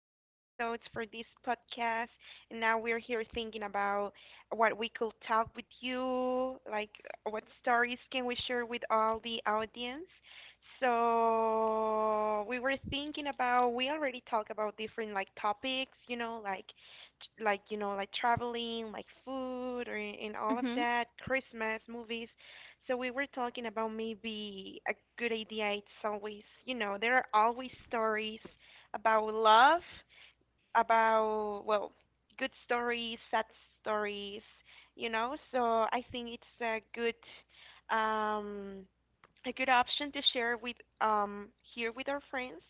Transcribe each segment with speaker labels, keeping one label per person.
Speaker 1: different episodes for this podcast, and now we're here thinking about what we could talk with you, like what stories can we share with all the audience. So we were thinking about we already talked about different like topics, you know, like like traveling, like food, or, and all of
Speaker 2: hmm
Speaker 1: that, Christmas movies. So we were talking about maybe a good idea. It's always, you know, there are always stories about love, about well, good stories, sad stories, you know. So I think it's a good, um a good option to share with, um here with our friends.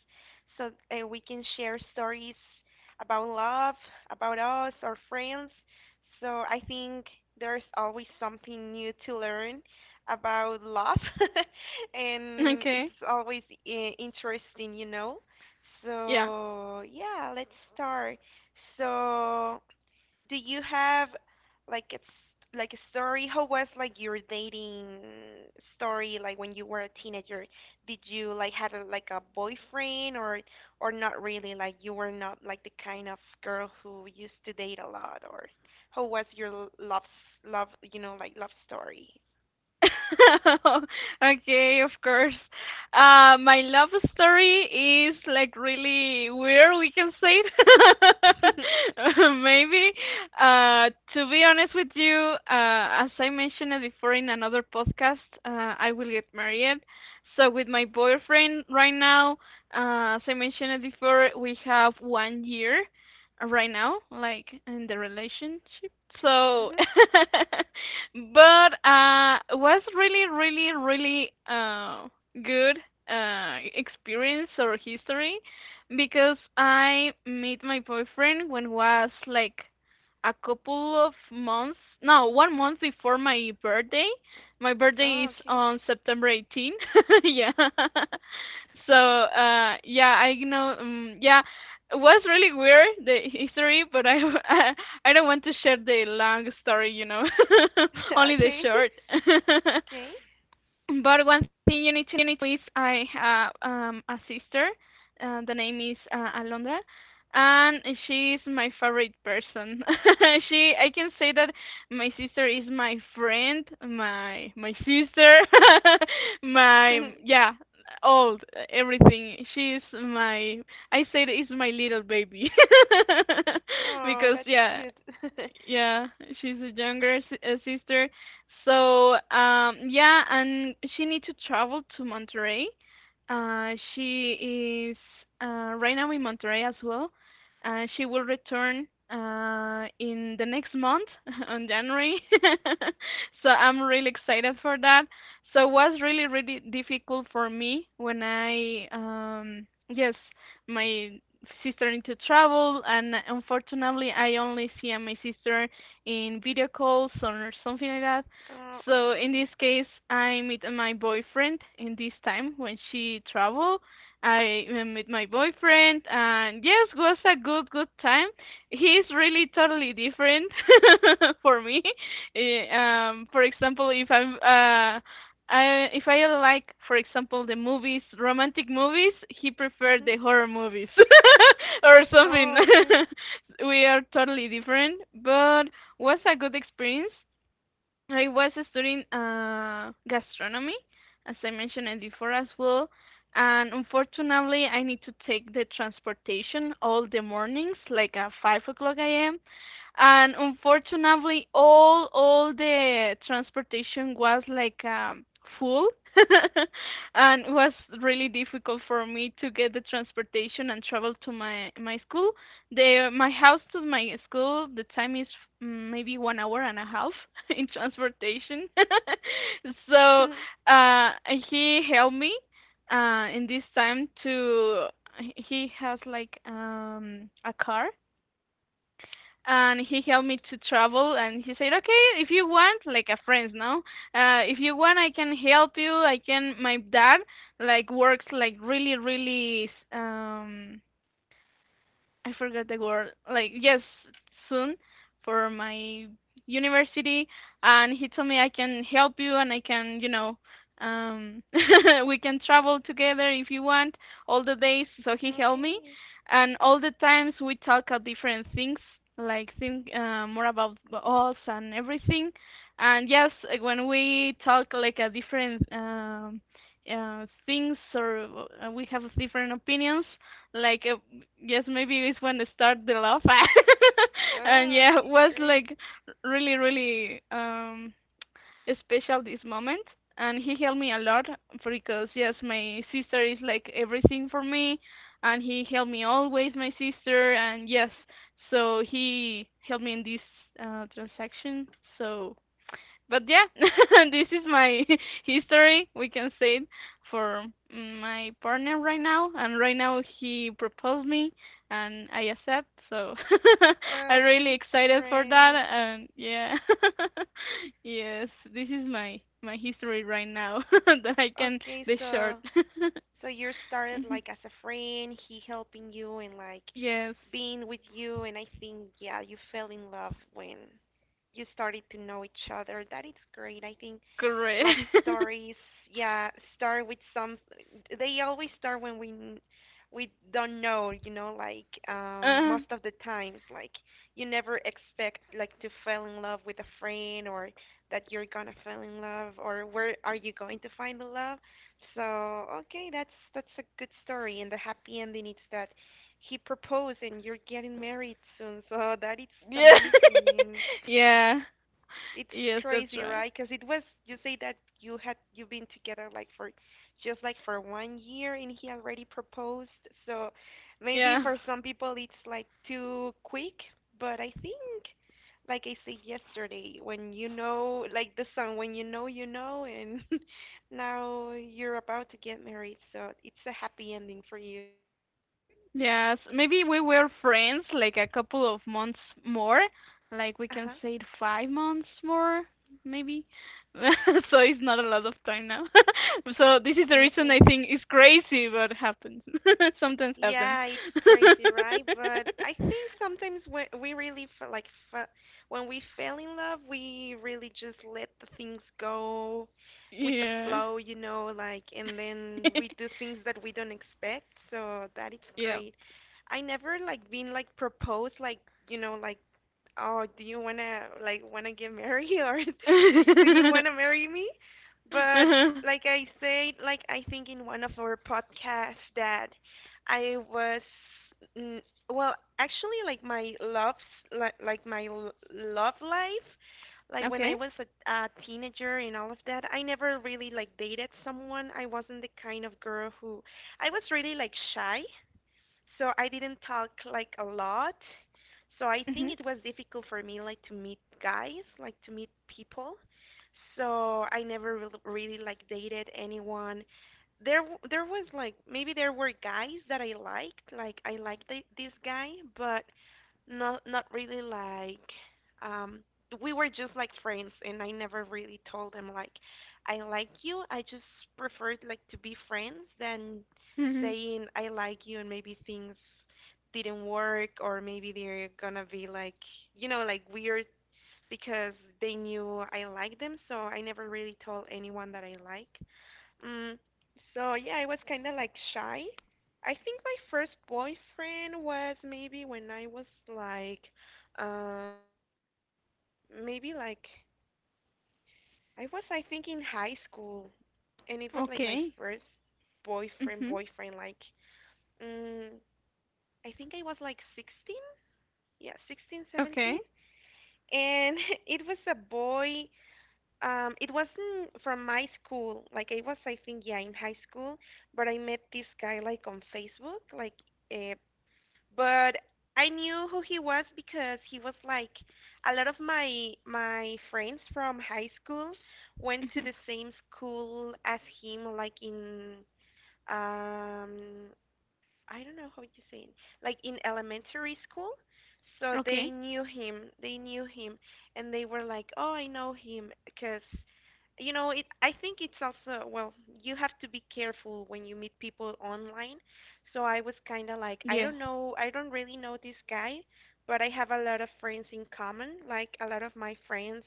Speaker 1: So we can share stories about love, about us, our friends. So I think there's always something new to learn about love and it's
Speaker 2: Okay.
Speaker 1: always interesting, you know.
Speaker 2: Yeah.
Speaker 1: So, yeah, let's start. So, do you have like it's like a story? How was like your dating story like when you were a teenager? Did you like have a, like a boyfriend or not really? Like you were not like the kind of girl who used to date a lot or how was your love, you know, like love story?
Speaker 2: Okay, of course. My love story is like really weird, we can say it. Maybe. To be honest with you, as I mentioned it before in another podcast, I will get married. So with my boyfriend right now, as I mentioned it before, we have 1 year right now, like in the relationship. so
Speaker 1: Mhm.
Speaker 2: but was really, really, really good experience or history, because I met my boyfriend when was like a couple of months, no, 1 month before my birthday. My birthday
Speaker 1: Oh,
Speaker 2: is
Speaker 1: okay.
Speaker 2: on September 18. Yeah, so yeah, I know, yeah, it was really weird the history, but I I, I don't want to share the long story, only the
Speaker 1: Okay.
Speaker 2: short.
Speaker 1: Okay.
Speaker 2: But one thing you need to know is I have a sister. The name is Alondra, and she is my favorite person. She, I can say that my sister is my friend, my sister, my, yeah, all, everything. She is my. I say that is my little baby
Speaker 1: Oh,
Speaker 2: because
Speaker 1: that's
Speaker 2: yeah,
Speaker 1: cute.
Speaker 2: yeah, she's a younger sister. So, yeah, and she needs to travel to Monterrey. She is right now in Monterrey as well. She will return in the next month on January. So I'm really excited for that. So it was really, really difficult for me when I, yes, my sister need to travel, and unfortunately, I only see my sister in video calls or something like that.
Speaker 1: Oh,
Speaker 2: So in
Speaker 1: okay.
Speaker 2: this case, I meet my boyfriend in this time when she traveled. I met my boyfriend, and yes, was a good time. He's really totally different for me. For example, if I like, for example, the movies, romantic movies, he preferred
Speaker 1: Mhm.
Speaker 2: the horror movies or something.
Speaker 1: Oh, okay.
Speaker 2: We are totally different, but was a good experience. I was studying gastronomy, as I mentioned it before as well. And unfortunately, I need to take the transportation all the mornings, like at 5 o'clock a.m., and unfortunately all the transportation was like full and it was really difficult for me to get the transportation and travel to my school. The my house to my school, the time is mm, maybe 1 hour and a half in transportation. So uh he helped me in this time to, he has like a car, and he helped me to travel, and he said okay, if you want, like a friend, no, if you want, I can help you. I can, my dad like works like really, really, I forgot the word. Like yes, soon, for my university, and he told me I can help you, and I can, you know, um, we can travel together if you want all the days. So he helped me,
Speaker 1: Okay.
Speaker 2: and all the times we talk about different things, like think more about us and everything. And yes, like, when we talk like a different things or we have different opinions, like yes, maybe it's when they start the love. And
Speaker 1: Oh,
Speaker 2: yeah, it
Speaker 1: okay,
Speaker 2: was
Speaker 1: great.
Speaker 2: like really, really, special, this moment. And he helped me a lot, because yes, my sister is like everything for me, and he helped me, always my sister, and yes, so he helped me in this transaction. So but yeah, this is my history, we can say it, for my partner right now, and right now he proposed me, and I accept. So I'm
Speaker 1: That
Speaker 2: really
Speaker 1: is
Speaker 2: excited for that,
Speaker 1: great.
Speaker 2: and yeah, yes, this is my history right now, that I can,
Speaker 1: Okay,
Speaker 2: the short.
Speaker 1: so so you started
Speaker 2: Mhm.
Speaker 1: like as a friend, he helping you and like
Speaker 2: Yes,
Speaker 1: being with you, and I think yeah, you fell in love when you started to know each other. That is great. I think love
Speaker 2: correct.
Speaker 1: stories, yeah, start with some. They always start when we we don't know, you know, like,
Speaker 2: Uh,
Speaker 1: most of the times, like you never expect like to fall in love with a friend or that you're gonna fall in love or where are you going to find the love. So okay, that's a good story, and the happy ending is that he proposed and you're getting married soon. So that is
Speaker 2: yeah,
Speaker 1: amazing.
Speaker 2: yeah,
Speaker 1: It's
Speaker 2: yes, that's
Speaker 1: crazy,
Speaker 2: right.
Speaker 1: right? Because it was you say that you had you've been together like for just like for 1 year and he already proposed. So maybe
Speaker 2: Yeah.
Speaker 1: for some people it's like too quick, but I think like I said yesterday, when you know like the song, when you know and now you're about to get married, so it's a happy ending for you.
Speaker 2: Yes, maybe we were friends like a couple of months more, like we can
Speaker 1: Uh-huh.
Speaker 2: say it 5 months more, maybe. So it's not a lot of time now. So this is the reason I
Speaker 1: Okay.
Speaker 2: think it's crazy, but happens. Sometimes happens.
Speaker 1: Yeah, it's crazy, right? But I think sometimes when we really feel like fa when we fell in love, we really just let the things go with the
Speaker 2: Yeah.
Speaker 1: flow, you know, like, and then we do things that we don't expect. So that is
Speaker 2: Yep.
Speaker 1: great. I never like been like proposed, like, you know, like, oh, do you wanna get married or do you wanna marry me? But
Speaker 2: Uh-huh.
Speaker 1: like I said, like I think in one of our podcasts that I was, mm, well, actually, like my love, like my love life, like when
Speaker 2: Okay.
Speaker 1: I was a teenager and all of that, I never really like dated someone. I wasn't the kind of girl who I was really like shy, so I didn't talk like a lot. So I
Speaker 2: Mhm.
Speaker 1: think it was difficult for me like to meet guys, like to meet people. So I never really, really like dated anyone. There there was like maybe there were guys that I liked, like I liked this guy, but not really like, um we were just like friends and I never really told them like I like you. I just preferred like to be friends than
Speaker 2: Mhm.
Speaker 1: saying I like you and maybe things didn't work or maybe they're gonna be like, you know, like weird because they knew I liked them, so I never really told anyone that I like. Mm, so yeah, I was kind of like shy. I think my first boyfriend was maybe when I was like, um maybe like, I was I think in high school and it was like my
Speaker 2: Okay.
Speaker 1: first boyfriend
Speaker 2: Mhm.
Speaker 1: boyfriend like, mm, I think I was like 16. Yeah, 16, 17.
Speaker 2: Okay.
Speaker 1: And it was a boy. It wasn't from my school. Like I was, I think, yeah, in high school. But I met this guy like on Facebook. Like, uh, but I knew who he was because he was like a lot of my friends from high school went to
Speaker 2: Mhm.
Speaker 1: the same school as him, like in, um I don't know how to say it, like in elementary school. So they
Speaker 2: Okay.
Speaker 1: knew him. They knew him, and they were like, "Oh, I know him," because you know it. I think it's also well, you have to be careful when you meet people online. So I was kind of like, I
Speaker 2: Yeah.
Speaker 1: don't know, I don't really know this guy, but I have a lot of friends in common. Like a lot of my friends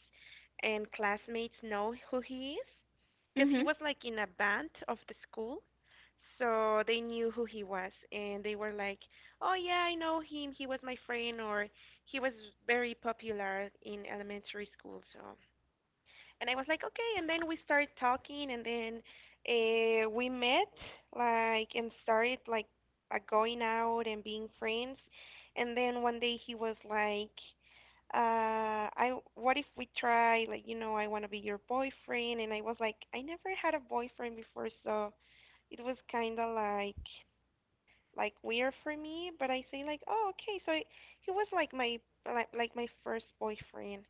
Speaker 1: and classmates know who he is, because he
Speaker 2: Mhm.
Speaker 1: was like in a band of the school, so they knew who he was, and they were like, "Oh yeah, I know him. He was my friend, or he was very popular in elementary school." So, and I was like, "Okay." And then we started talking, and then we met, like, and started like going out and being friends. And then one day he was like, I what if we try like, you know, I want to be your boyfriend, and I was like I never had a boyfriend before, so it was kind of like weird for me, but I say like, "Oh, okay." So he was like my like my first boyfriend.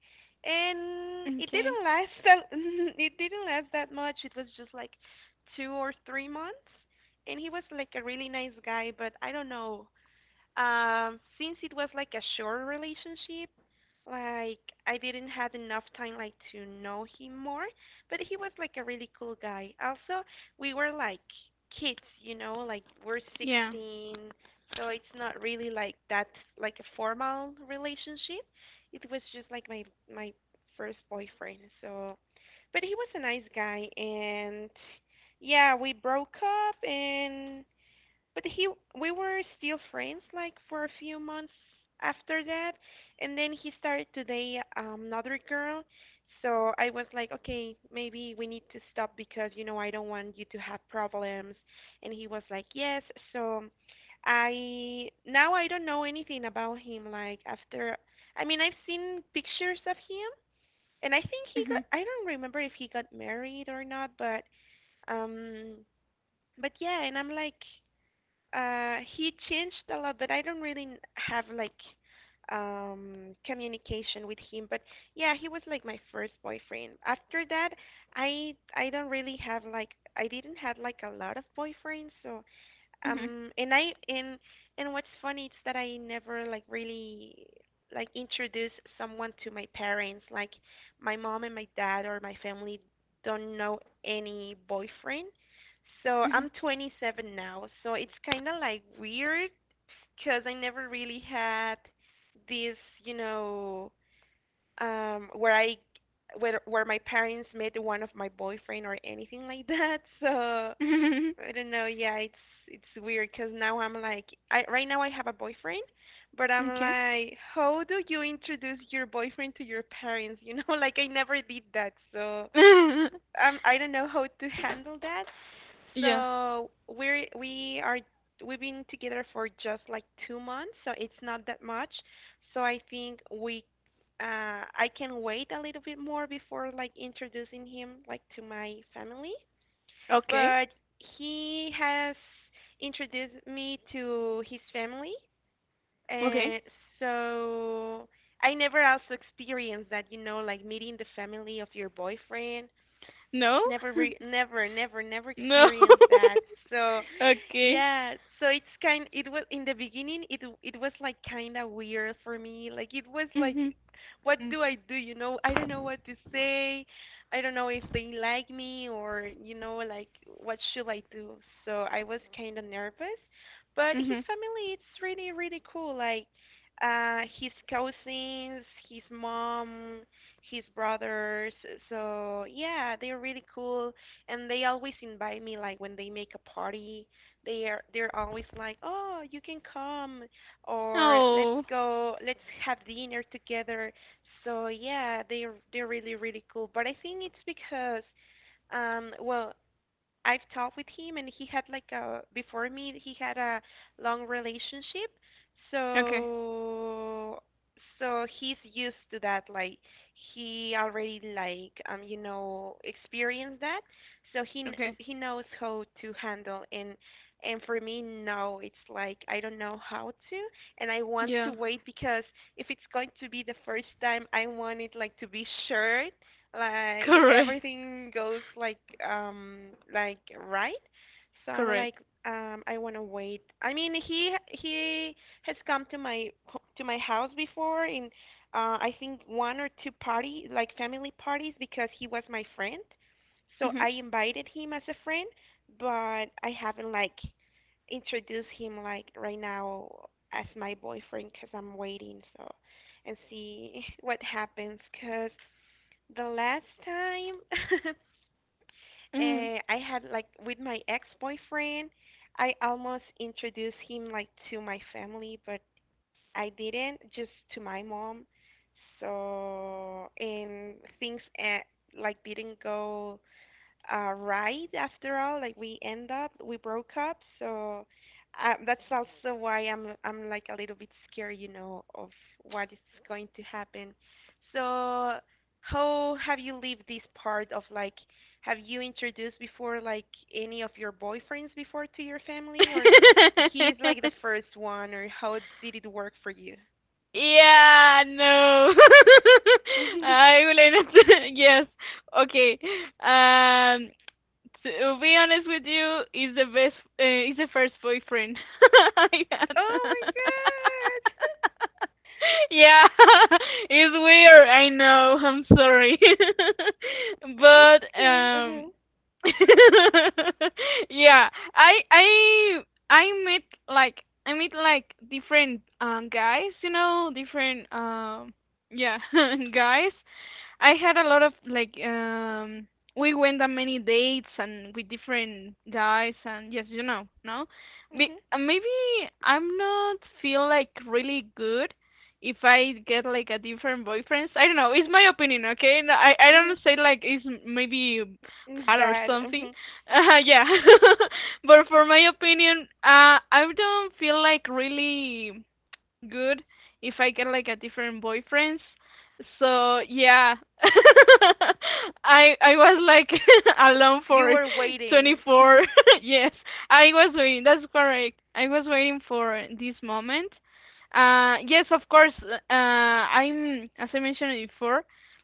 Speaker 1: And it
Speaker 2: Okay.
Speaker 1: didn't last that it didn't last that much. It was just like 2 or 3 months. And he was like a really nice guy, but I don't know. Since it was like a short relationship, like I didn't have enough time like to know him more, but he was like a really cool guy. Also, we were like kids, you know, like we're
Speaker 2: Yeah.
Speaker 1: 16, so it's not really like that like a formal relationship. It was just like my first boyfriend. So, but he was a nice guy and yeah, we broke up and but he we were still friends like for a few months after that, and then he started to date another girl. So I was like, okay, maybe we need to stop because you know I don't want you to have problems. And he was like, yes. So I now I don't know anything about him like after, I mean I've seen pictures of him and I think he got,
Speaker 2: Mhm.
Speaker 1: I don't remember if he got married or not, but, um but yeah, and I'm like, he changed a lot, but I don't really have like communication with him. But yeah, he was like my first boyfriend. After that, I don't really have like I didn't have like a lot of boyfriends, so
Speaker 2: Mhm.
Speaker 1: and I and what's funny is that I never like really like introduce someone to my parents. Like my mom and my dad or my family don't know any boyfriend. So
Speaker 2: Mhm.
Speaker 1: I'm 27 now, so it's kind of like weird because I never really had this, you know, where I where my parents met one of my boyfriend or anything like that. So
Speaker 2: Mhm.
Speaker 1: I don't know. Yeah, it's weird because now I'm like, I right now I have a boyfriend, but I'm
Speaker 2: Okay.
Speaker 1: like, how do you introduce your boyfriend to your parents? You know, like I never did that. So I don't know how to handle that.
Speaker 2: Yeah.
Speaker 1: So we are we've been together for just like 2 months, so it's not that much. So I think we uh I can wait a little bit more before like introducing him like to my family.
Speaker 2: Okay.
Speaker 1: But he has introduced me to his family
Speaker 2: Okay.
Speaker 1: and so I never also experienced that, you know, like meeting the family of your boyfriend,
Speaker 2: No.
Speaker 1: never re- never never never
Speaker 2: No.
Speaker 1: experienced that. So
Speaker 2: Okay.
Speaker 1: yeah, so it's kind it was in the beginning it was like kind of weird for me, like it was
Speaker 2: Mhm.
Speaker 1: like, what
Speaker 2: Mm.
Speaker 1: do I do? You know, I don't know what to say, I don't know if they like me or, you know, like what should I do. So I was kind of nervous, but his
Speaker 2: Mhm.
Speaker 1: family it's really really cool, like, his cousins, his mom, his brothers. So yeah, they're really cool, and they always invite me. Like when they make a party, they're always like, "Oh, you can come," or "Let's
Speaker 2: Oh.
Speaker 1: go, let's have dinner together." So yeah, they're really really cool. But I think it's because well I've talked with him and he had like a before me he had a long relationship.
Speaker 2: Okay.
Speaker 1: So so he's used to that. Like he already like experienced that. So
Speaker 2: Okay.
Speaker 1: he knows how to handle, and for me no, it's like I don't know how to. And I want to
Speaker 2: Yeah.
Speaker 1: wait because if it's going to be the first time, I want it like to be sure, like
Speaker 2: Correct.
Speaker 1: everything goes um like right. So I'm like,
Speaker 2: Correct.
Speaker 1: I want to wait. I mean, he has come to to my house before in, I think, one or two party, like family parties, because he was my friend, so
Speaker 2: Mhm.
Speaker 1: I invited him as a friend. But I haven't like introduced him like right now as my boyfriend because I'm waiting. So and see what happens. The last time
Speaker 2: Mhm.
Speaker 1: I had like with my ex-boyfriend, I almost introduced him like to my family, but I didn't, just to my mom. So, and things, like didn't go right after all. Like we end up, we broke up. So that's also why I'm like a little bit scared, you know, of what is going to happen. So how have you lived this part of, like, have you introduced before like any of your boyfriends before to your family, or he is like the first one, or how did it work for you?
Speaker 2: Yeah, no.
Speaker 1: Oh
Speaker 2: I will answer. Yes. Okay. Um, to be honest with you, is the best. Is the first boyfriend I had.
Speaker 1: my god,
Speaker 2: Yeah, it's weird. I know. I'm sorry,
Speaker 1: it's
Speaker 2: but
Speaker 1: okay. Uh huh.
Speaker 2: yeah, I I met like I meet like different guys, you know, different yeah, guys, I had a lot of like we went on many dates and with different guys and yes, you know, no?
Speaker 1: Mhm.
Speaker 2: Maybe I'm not feel like really good if I get like a different boyfriends. I don't know. It's my opinion, okay? No, I
Speaker 1: Mhm.
Speaker 2: don't say like it's maybe
Speaker 1: It's
Speaker 2: bad or
Speaker 1: bad.
Speaker 2: something.
Speaker 1: Mhm.
Speaker 2: Yeah. But for my opinion, I don't feel like really good if I get like a different boyfriends. So yeah, I was like alone
Speaker 1: You
Speaker 2: for
Speaker 1: were waiting.
Speaker 2: 24.
Speaker 1: Hmm.
Speaker 2: Yes, I was waiting. That's correct. I was waiting for this moment. Yes, of course. I'm as I mentioned before,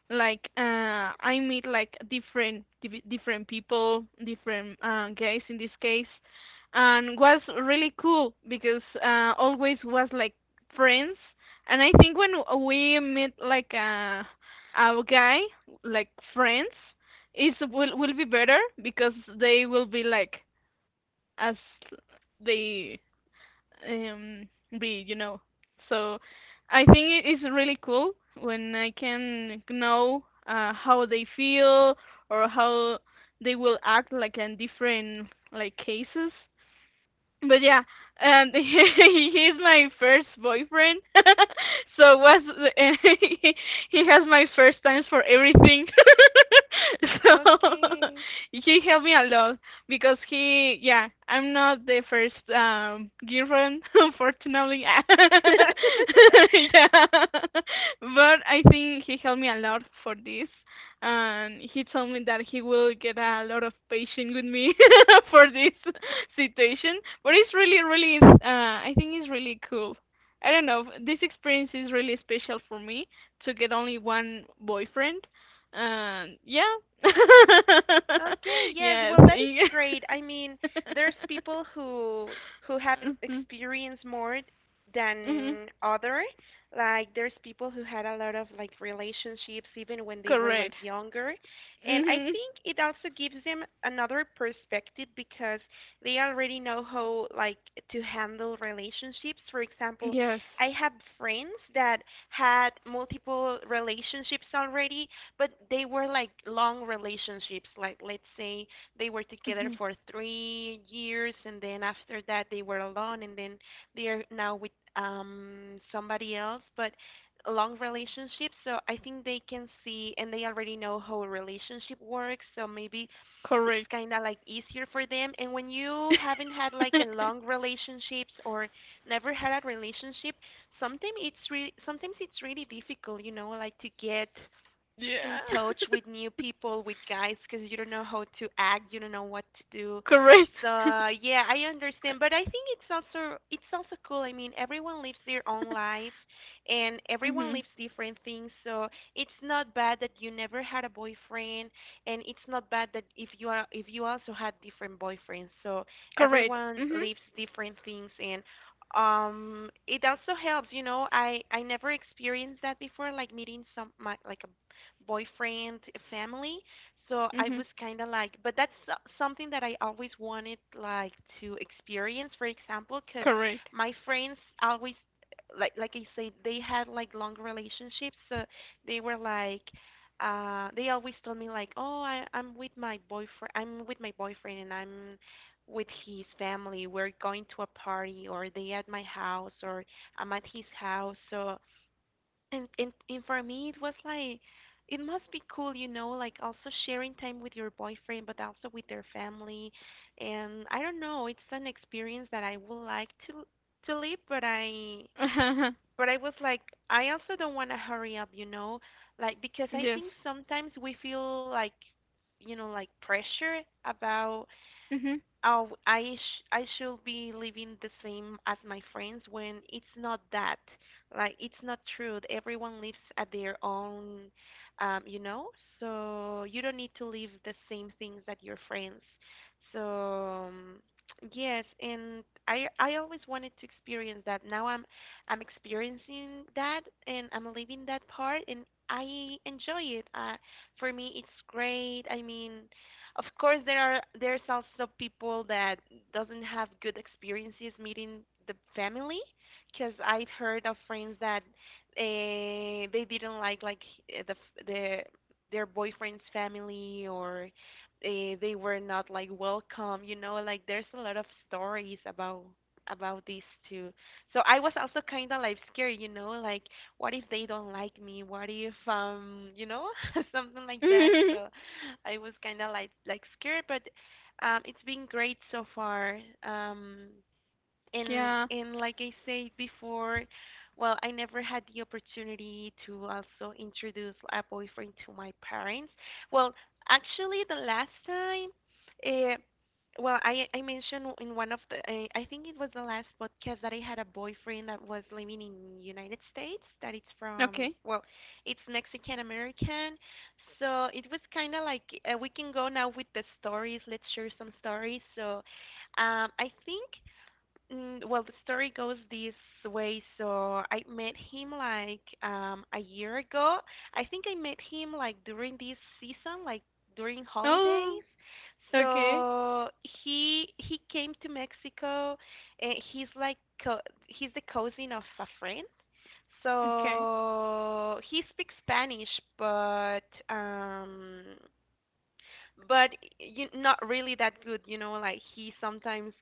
Speaker 2: like I meet like different different people, different guys in this case, and was really cool because always was like friends. And I think when we meet like a guy like friends, is will be better, because they will be like as they um be, you know, so I think it is really cool when I can know how they feel or how they will act like in different like cases. But yeah, he's my first boyfriend, so was, he has my first times for everything. So
Speaker 1: Okay.
Speaker 2: he helped me a lot, because he, yeah, I'm not the first girlfriend, unfortunately. Yeah, but I think he helped me a lot for this, and he told me that he will get a lot of patience with me for this situation. But it's really, really, I think it's really cool. I don't know. This experience is really special for me to get only one boyfriend. Yeah.
Speaker 1: Okay, yes.
Speaker 2: Yes.
Speaker 1: Well, that is great. I mean, there's people who have
Speaker 2: Mm-hmm.
Speaker 1: experienced more
Speaker 2: hmm
Speaker 1: than other. Like there's people who had a lot of like relationships even when they were
Speaker 2: Correct.
Speaker 1: like younger. And I
Speaker 2: hmm
Speaker 1: think it also gives them another perspective because they already know how, like, to handle relationships. For example,
Speaker 2: Yes.
Speaker 1: I have friends that had multiple relationships already, but they were like long relationships. Like let's say they were together
Speaker 2: hmm
Speaker 1: for 3 years, and then after that they were alone, and then they are now with somebody else. But long relationships, so I think they can see and they already know how a relationship works. So maybe it's
Speaker 2: Correct.
Speaker 1: kind of like easier for them. And when you haven't had like a long relationships or never had a relationship, sometimes it's really, sometimes it's really difficult, you know, like to get in
Speaker 2: Yeah.
Speaker 1: touch with new people, with guys, because you don't know how to act, you don't know what to do.
Speaker 2: Correct.
Speaker 1: So yeah, I understand, but I think it's also cool. I mean, everyone lives their own life, and everyone
Speaker 2: hmm
Speaker 1: lives different things. So it's not bad that you never had a boyfriend, and it's not bad that if you are, if you also had different boyfriends. So
Speaker 2: Correct.
Speaker 1: everyone lives different things, and it also helps, you know. I never experienced that before, like meeting some my, like a boyfriend family. So I
Speaker 2: Mhm.
Speaker 1: was kind of like, but that's something that I always wanted, like, to experience, for example, because
Speaker 2: Correct.
Speaker 1: my friends always, like I said, they had like long relationships. So they were like, they always told me like, "Oh, I'm with my boyfriend, I'm with my boyfriend, and I'm with his family. We're going to a party," or they at my house or I'm at his house. So and for me, it was like it must be cool, you know, like also sharing time with your boyfriend, but also with their family. And I don't know, it's an experience that I would like to live, but I but I was like, I also don't want to hurry up, you know, like because I
Speaker 2: Yes.
Speaker 1: think sometimes we feel like, you know, like pressure about,
Speaker 2: Mhm.
Speaker 1: oh, I should be living the same as my friends, when it's not that. Like it's not true. Everyone lives at their own, you know. So you don't need to live the same things that your friends. So yes, and I always wanted to experience that. Now I'm experiencing that and I'm living that part, and I enjoy it. For me, it's great. I mean. Of course, there's also people that doesn't have good experiences meeting the family, because I've heard of friends that they didn't like, the the their boyfriend's family or uh, they were not like welcome. You know, like there's a lot of stories about these too. So I was also kind of like scared, you know, like, what if they don't like me? What if, you know, something like that. So I was kind of like scared. But it's been great so far. Um, and
Speaker 2: Yeah.
Speaker 1: and like I said before, well, I never had the opportunity to also introduce a boyfriend to my parents. Well, actually, the last time, uh, well, I mentioned in one of the, I think it was the last podcast, that I had a boyfriend that was living in United States that it's from,
Speaker 2: Okay.
Speaker 1: well, it's Mexican American. So it was kind of like, we can go now with the stories. Let's share some stories. So, I think, Mm, well, the story goes this way. So I met him like a year ago. I think I met him like during this season, like during holidays.
Speaker 2: Oh, okay.
Speaker 1: So he came to Mexico, and he's like co- he's the cousin of a friend.
Speaker 2: Okay.
Speaker 1: So he speaks Spanish, but um, but you, not really that good. You know, like he sometimes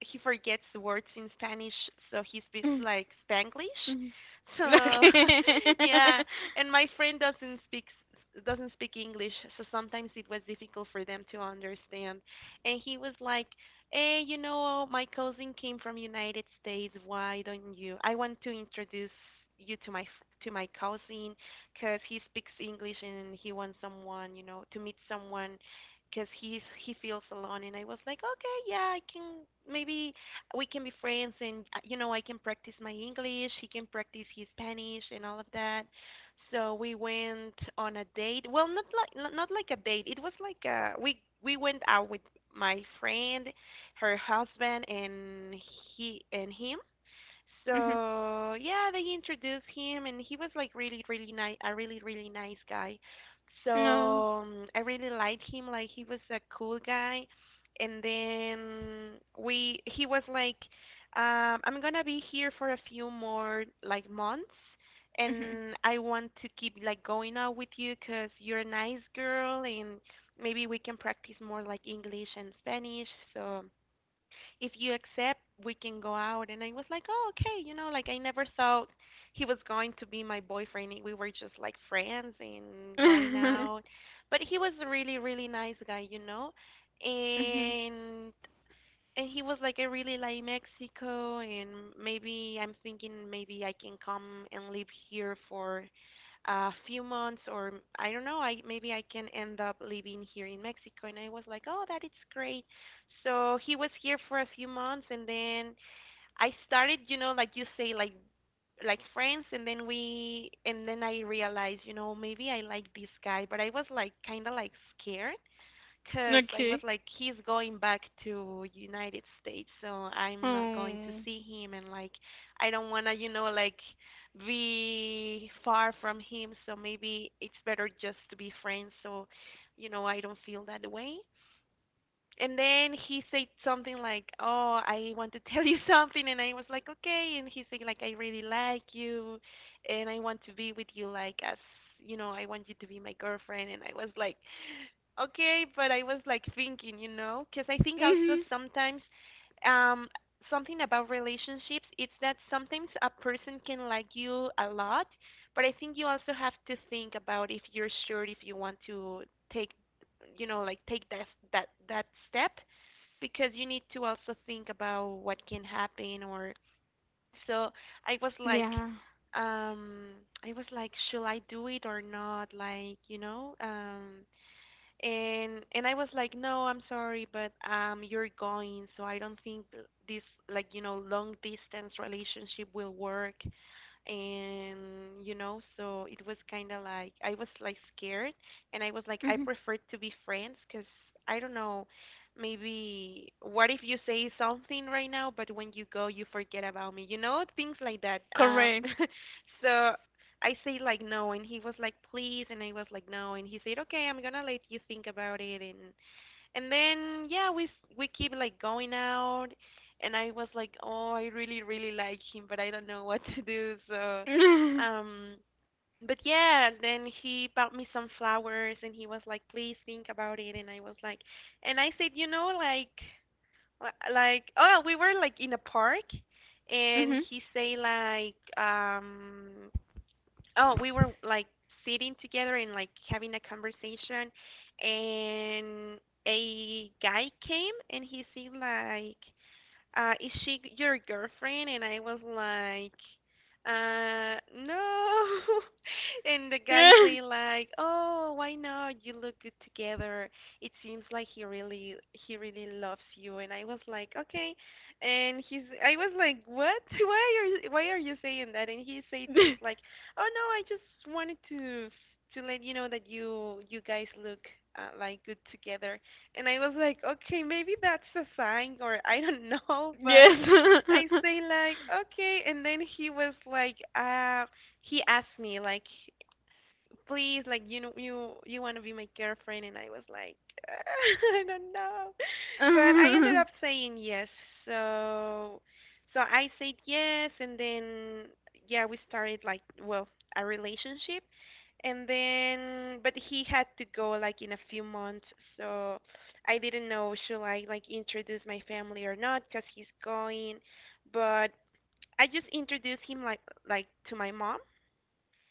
Speaker 1: he forgets the words in Spanish, so he speaks
Speaker 2: Mm.
Speaker 1: like Spanglish.
Speaker 2: Mhm.
Speaker 1: So
Speaker 2: Okay.
Speaker 1: yeah, and my friend doesn't speak doesn't speak English, so sometimes it was difficult for them to understand. And he was like, "Hey, you know, my cousin came from United States. Why don't you? I want to introduce you to to my cousin, 'cause he speaks English and he wants someone, you know, to meet someone because he's he feels alone." And I was like, "Okay, yeah, I can maybe we can be friends." And I can practice my English, he can practice his Spanish, and all of that. So we went on a date, well, not like a date. It was like we went out with my friend, her husband, and he and him.
Speaker 2: Mhm.
Speaker 1: So yeah, they introduced him, and he was like really, really nice, a really, really nice guy.
Speaker 2: No.
Speaker 1: So I really liked him. Like he was a cool guy. And then he was like, "I'm gonna be here for a few more like months,
Speaker 2: Mhm.
Speaker 1: and I want to keep like going out with you 'cause you're a nice girl, and maybe we can practice more like English and Spanish. So if you accept, we can go out." And I was like, oh, okay, you know, like I never thought he was going to be my boyfriend. We were just like friends and going out. But he was a really, really nice guy, you know.
Speaker 2: Mhm.
Speaker 1: And and he was like, "I really like Mexico, and maybe I'm thinking maybe I can come and live here for a few months, or I don't know, I maybe I can end up living here in Mexico." And I was like, oh, that is great. So he was here for a few months, and then I started, you know, like you say, like friends, and then and then I realized, you know, maybe I like this guy. But I was like kind of like scared because I was
Speaker 2: Okay.
Speaker 1: like, he's going back to United States, so I'm not going to
Speaker 2: Oh.
Speaker 1: see him, and like, I don't wanna, you know, like, be far from him. So maybe it's better just to be friends. So, you know, I don't feel that way. And then he said something like, "Oh, I want to tell you something," and I was like, "Okay." And he said like, "I really like you, and I want to be with you, like as you know, I want you to be my girlfriend." And I was like, okay, but I was like thinking, you know, because I think also
Speaker 2: Mhm.
Speaker 1: sometimes um something about relationships it's that sometimes a person can like you a lot, but I think you also have to think about if you're sure if you want to take, you know, like take that step because you need to also think about what can happen or so. I was like,
Speaker 2: Yeah.
Speaker 1: um I was like, should I do it or not, like, you know, and I was like, "No, I'm sorry, but you're going, so I don't think this, like, you know, long distance relationship will work." And, you know, so it was kind of like I was like scared, and I was like, I
Speaker 2: Mhm.
Speaker 1: prefer to be friends because I don't know. Maybe what if you say something right now, but when you go, you forget about me? You know, things like that.
Speaker 2: Correct.
Speaker 1: So I say like no, and he was like, please, and I was like no, and he said, okay, I'm gonna let you think about it. And then, yeah, we keep like going out, and I was like, oh, I really really like him, but I don't know what to do. So
Speaker 2: Mhm.
Speaker 1: um but yeah, then he bought me some flowers and he was like, please think about it, and I was like, and I said, you know, like, like, oh, we were like in a park, and
Speaker 2: Mhm.
Speaker 1: he say like, oh, we were like sitting together and like having a conversation, and a guy came and he seemed like, is she your girlfriend? And I was like, uh, no. And the guy
Speaker 2: Yeah.
Speaker 1: say like, oh, why not? You look good together. It seems like he really loves you. And I was like, okay. And he's, I was like, what? You- why are you saying that? And he said just like, oh no, I just wanted to let you know that you guys look like good together. And I was like, okay, maybe that's a sign, or I don't know. But
Speaker 2: Yes.
Speaker 1: I say like, okay. And then he was like, he asked me like, please, like, you know, you want to be my girlfriend? And I was like I don't know. But I ended
Speaker 2: Mhm.
Speaker 1: up saying yes. So so I said yes, and then yeah, we started like, well, a relationship. And then but he had to go like in a few months. So I didn't know, should I like introduce my family or not, because he's going. But I just introduced him like to my mom,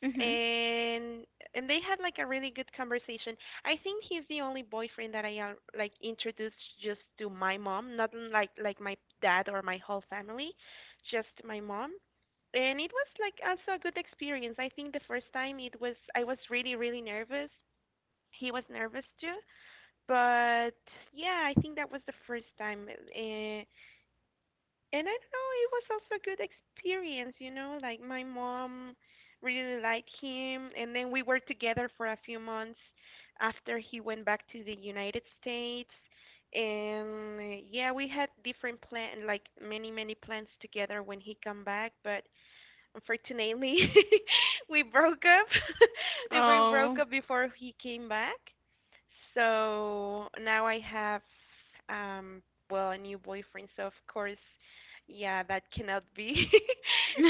Speaker 2: Mhm.
Speaker 1: and and they had like a really good conversation. I think he's the only boyfriend that I like introduced just to my mom, not like my dad or my whole family, just my mom. And it was like also a good experience. I think the first time, it was I was really really nervous. He was nervous too, but yeah, I think that was the first time. Uh, and I don't know, it was also a good experience, you know, like my mom really liked him. And then we were together for a few months after he went back to the United States. And yeah, we had different plan like many many plans together when he come back. But unfortunately, we broke up. We broke
Speaker 2: Oh.
Speaker 1: up before he came back. So now I have, um, well, a new boyfriend. So of course, yeah, that cannot be.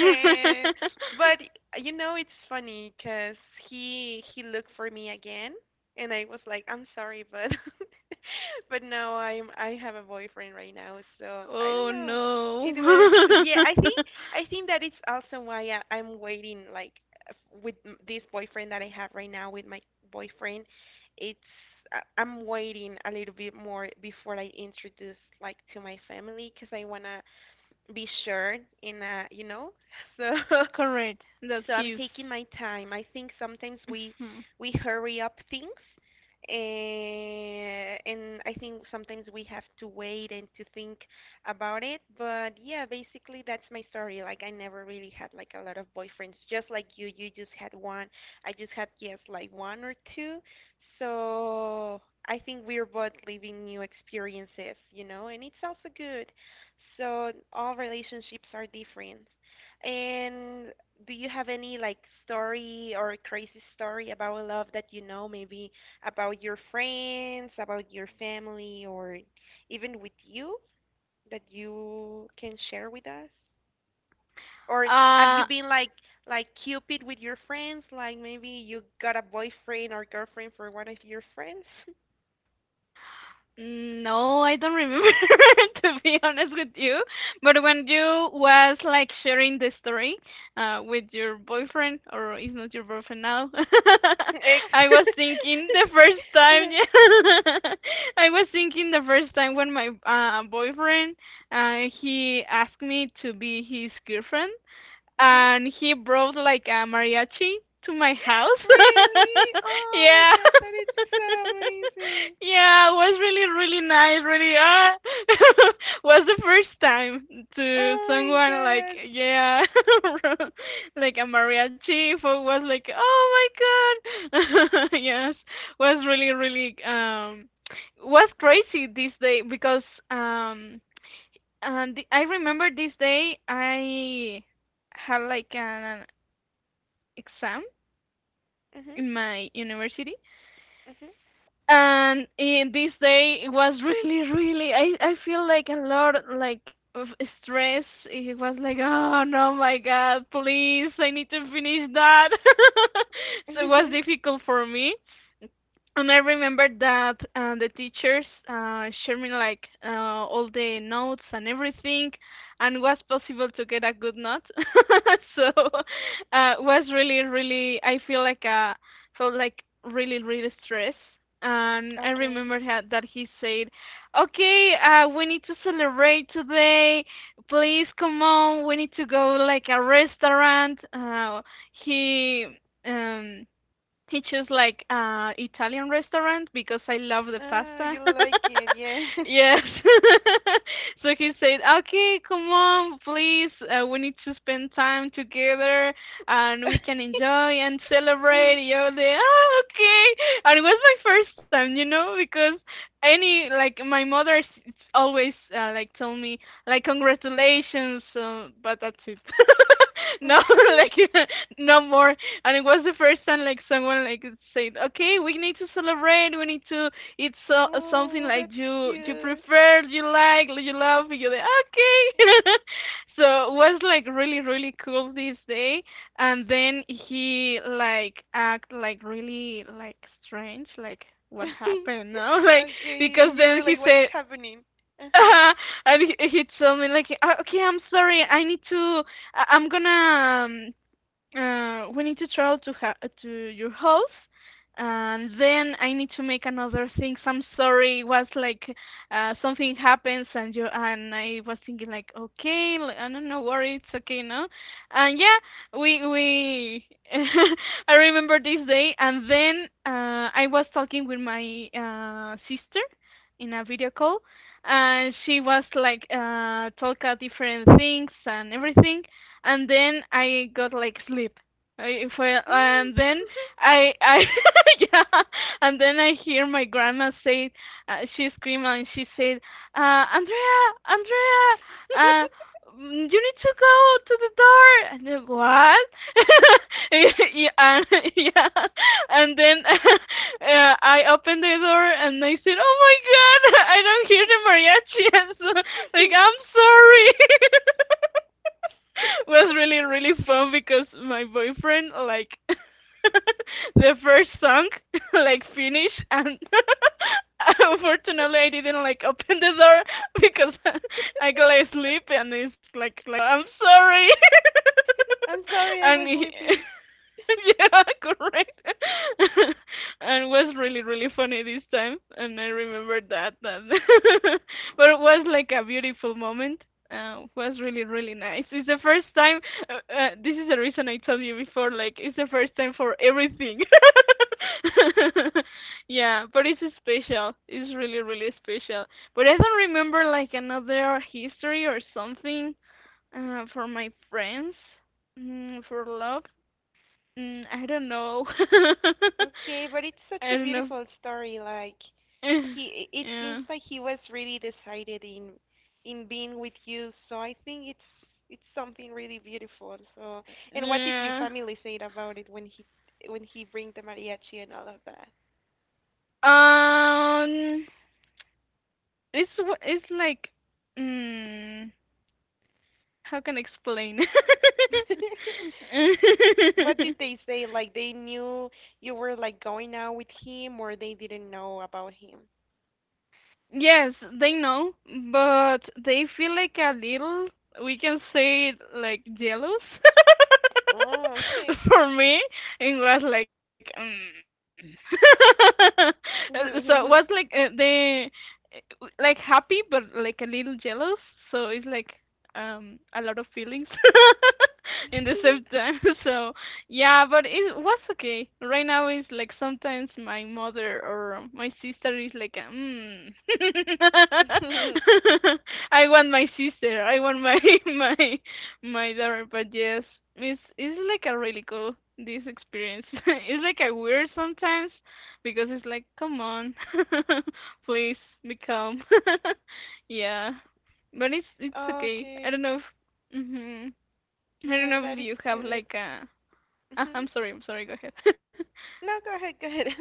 Speaker 1: Eh, but you know, it's funny because he looked for me again, and I was like, I'm sorry, but but no, I have a boyfriend right now. So I don't
Speaker 2: Oh
Speaker 1: know.
Speaker 2: no.
Speaker 1: It was, yeah. I think that it's also why I'm waiting, like this boyfriend that I have right now, with my boyfriend. It's I'm waiting a little bit more before I introduce like to my family because I wanna be sure in a, you know. So
Speaker 2: Correct. That
Speaker 1: so I'm
Speaker 2: he's.
Speaker 1: taking my time. I think sometimes
Speaker 2: Hmm.
Speaker 1: we hurry up things, and I think sometimes we have to wait and to think about it. But yeah, basically that's my story. Like, I never really had like a lot of boyfriends, just like you just had one. I just had, yes, like one or two. So I think we're both living new experiences, you know, and it's also good. So all relationships are different. And do you have any like story or crazy story about love that, you know, maybe about your friends, about your family, or even with you, that you can share with us? Or have you
Speaker 2: Uh,
Speaker 1: been like Cupid with your friends? Like, maybe you got a boyfriend or girlfriend for one of your friends?
Speaker 2: no, I don't remember. To be honest with you. But when you was like sharing the story, with your boyfriend, or is not your boyfriend now,
Speaker 1: Ex.
Speaker 2: I was thinking the first time. Yeah, I was thinking the first time when my boyfriend, he asked me to be his girlfriend,
Speaker 1: Mhm.
Speaker 2: and he brought like a mariachi to my house.
Speaker 1: Really? Oh my
Speaker 2: Yeah.
Speaker 1: god, that is so amazing.
Speaker 2: Yeah, it was really, really nice, really was the first time
Speaker 1: Oh
Speaker 2: to
Speaker 1: my
Speaker 2: someone like,
Speaker 1: god.
Speaker 2: yeah, like a mariachi. For was like, oh my god, yes, was really, really, was crazy this day, because um and the, I remember this day I had like an exam
Speaker 1: Mhm.
Speaker 2: in my university, and in this day it was really, really. I feel like a lot like of stress. It was like, oh no, my God, please, I need to finish that. So it was
Speaker 1: Mhm.
Speaker 2: difficult for me. And I remember that the teachers shared me like all the notes and everything, and was possible to get a good note. So was really, really. I feel like felt like really, really stressed. And I
Speaker 1: Okay.
Speaker 2: remember that he said, "Okay, we need to celebrate today. Please come on. We need to go like a restaurant." He um teaches like Italian restaurant, because I love the
Speaker 1: Oh,
Speaker 2: pasta.
Speaker 1: you like it, yeah?
Speaker 2: Yes. So he said, "Okay, come on, please. We need to spend time together, and we can enjoy and
Speaker 1: Mhm.
Speaker 2: celebrate." You're the, oh, okay. And it was my first time, you know, because any like my mother always like told me like congratulations, but that's it. No, like no more. And it was the first time like someone like said, "Okay, we need to celebrate. We need to eat so something
Speaker 1: Oh,
Speaker 2: like
Speaker 1: that's
Speaker 2: you
Speaker 1: cute.
Speaker 2: prefer, you like, you love." You're like, "Okay." So it was like really, really cool, this day. And then he act like really strange, like what happened? No,
Speaker 1: Okay,
Speaker 2: because
Speaker 1: and you
Speaker 2: then
Speaker 1: were
Speaker 2: he
Speaker 1: like, what's
Speaker 2: said.
Speaker 1: happening? Uh-huh.
Speaker 2: Uh, and he told me like, Okay, I'm sorry, I need to I- I'm gonna we need to travel to to your house, and then I need to make another thing. I'm sorry, it was like something happens." And you and I was thinking like, okay, I don't know, worry, it's okay, no, and yeah, we I remember this day. And then I was talking with my sister in a video call, and she was like, talk about different things and everything, and then I got like sleep. I fell,
Speaker 1: Mm.
Speaker 2: and then I yeah, and then I hear my grandma say, she screamed and she said, Andrea, Andrea, uh, you need to go to the door. And then what? yeah, yeah, and then I opened the door and I said, oh my god, I don't hear the mariachi. so, like I'm sorry. Was really really fun because my boyfriend like the first song like finished, and unfortunately I didn't like open the door because I got asleep, and it's like I'm sorry.
Speaker 1: I'm sorry, I
Speaker 2: And
Speaker 1: was
Speaker 2: he
Speaker 1: sleeping.
Speaker 2: yeah, correct. And it was really, really funny this time. And I remember that. But it was like a beautiful moment. Was really, really nice. It's the first time. This is the reason I told you before. Like, it's the first time for everything. Yeah, but it's special. It's really, really special. But I don't remember like another history or something for my friends, for love. I don't know.
Speaker 1: Okay, but it's such a
Speaker 2: I don't know.
Speaker 1: beautiful story. Like, he, it seems
Speaker 2: Yeah.
Speaker 1: like he was really decided in being with you. So I think it's something really beautiful. So, and what did your
Speaker 2: Yeah.
Speaker 1: family say about it when he bring the mariachi and all of that?
Speaker 2: Um, it's it's like, mm, how can I explain?
Speaker 1: What did they say? Like, they knew you were like going out with him, or they didn't know about him?
Speaker 2: Yes, they know, but they feel like a little, we can say, it, like jealous
Speaker 1: Oh, okay.
Speaker 2: for me. It was like, mm. So it was like they like happy, but like a little jealous. So it's like a lot of feelings in the same time. So yeah, but it was okay. Right now is like sometimes my mother or my sister is like, mm. I want my sister. I want my my my daughter. But yes, it's like a really cool this experience. It's like a weird sometimes because it's like, come on, please become. Yeah, but it's it's okay. I don't
Speaker 1: Okay.
Speaker 2: know if. Hmm. I don't
Speaker 1: Yeah,
Speaker 2: know if
Speaker 1: that is
Speaker 2: you have
Speaker 1: good.
Speaker 2: like a
Speaker 1: Hmm.
Speaker 2: I'm sorry, go ahead.
Speaker 1: No, go ahead, go ahead.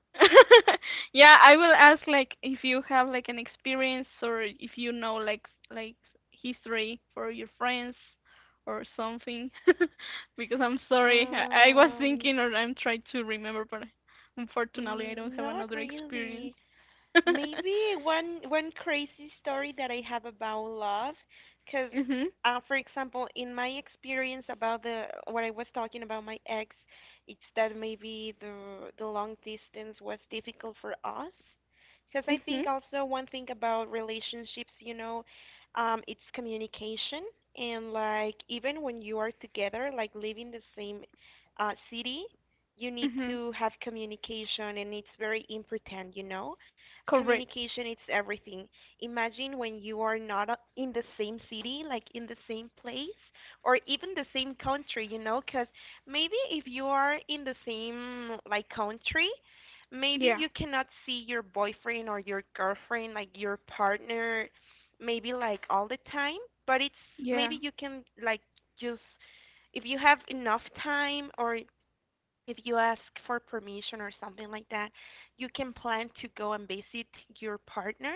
Speaker 2: Yeah, I will ask like if you have like an experience or if you know like history for your friends or something. Because I'm sorry, I was
Speaker 1: Um,
Speaker 2: thinking or I'm trying to remember, but unfortunately I
Speaker 1: mm,
Speaker 2: don't have
Speaker 1: not
Speaker 2: another experience.
Speaker 1: really. Maybe one one crazy story that I have about love, because
Speaker 2: Mhm.
Speaker 1: for example, in my experience about the what I was talking about my ex, it's that maybe the long distance was difficult for us. Because I
Speaker 2: Mhm.
Speaker 1: think also one thing about relationships, you know, it's communication. And like, even when you are together, like living the same city, you need
Speaker 2: Mhm.
Speaker 1: to have communication, and it's very important, you know,
Speaker 2: Correct.
Speaker 1: communication it's everything. Imagine when you are not in the same city, like in the same place, or even the same country, you know? Because maybe if you are in the same like country, maybe
Speaker 2: Yeah.
Speaker 1: you cannot see your boyfriend or your girlfriend, like your partner, maybe like all the time. But it's
Speaker 2: Yeah.
Speaker 1: maybe you can like just if you have enough time, or if you ask for permission or something like that, you can plan to go and visit your partner,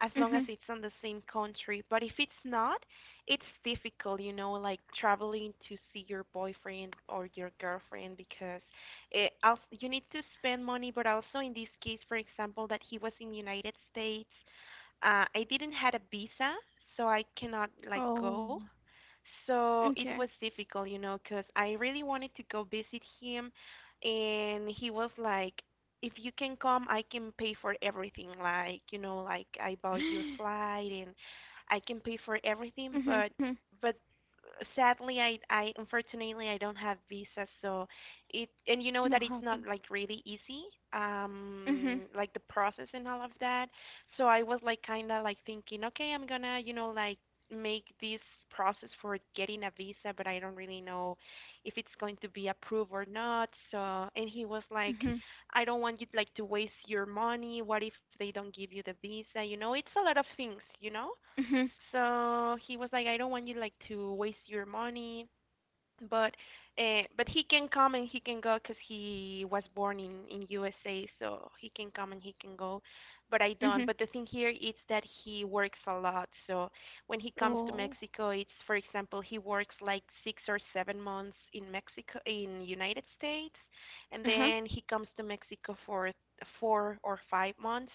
Speaker 1: as long as
Speaker 2: Mhm.
Speaker 1: it's on the same country. But if it's not, it's difficult, you know, like traveling to see your boyfriend or your girlfriend because it, also, you need to spend money. But also in this case, for example, that he was in United States, I didn't had a visa, so I cannot like
Speaker 2: Oh.
Speaker 1: go. So it was
Speaker 2: Okay.
Speaker 1: difficult, you know, because I really wanted to go visit him, and he was like, "If you can come, I can pay for everything. Like, you know, like I bought your
Speaker 2: Mhm.
Speaker 1: flight, and I can pay for everything."
Speaker 2: Mhm.
Speaker 1: But sadly, I unfortunately I don't have visa, so it and you
Speaker 2: No
Speaker 1: know that it's
Speaker 2: happen.
Speaker 1: not like really easy,
Speaker 2: Mhm.
Speaker 1: like the process and all of that. So I was like kind of like thinking, okay, I'm gonna, you know, like make this process for getting a visa, but I don't really know if it's going to be approved or not. So, and he was like,
Speaker 2: Mhm.
Speaker 1: I don't want you like to waste your money. What if they don't give you the visa? You know, it's a lot of things, you know?
Speaker 2: Mhm.
Speaker 1: So, he was like, I don't want you like to waste your money, but but he can come and he can go because he was born in USA, so he can come and he can go. But I don't.
Speaker 2: Mhm.
Speaker 1: But the thing here is that he works a lot. So when he comes to
Speaker 2: Oh.
Speaker 1: Mexico, it's for example he works like 6 or 7 months in Mexico in United States, and
Speaker 2: Uh huh.
Speaker 1: then he comes to Mexico for 4 or 5 months,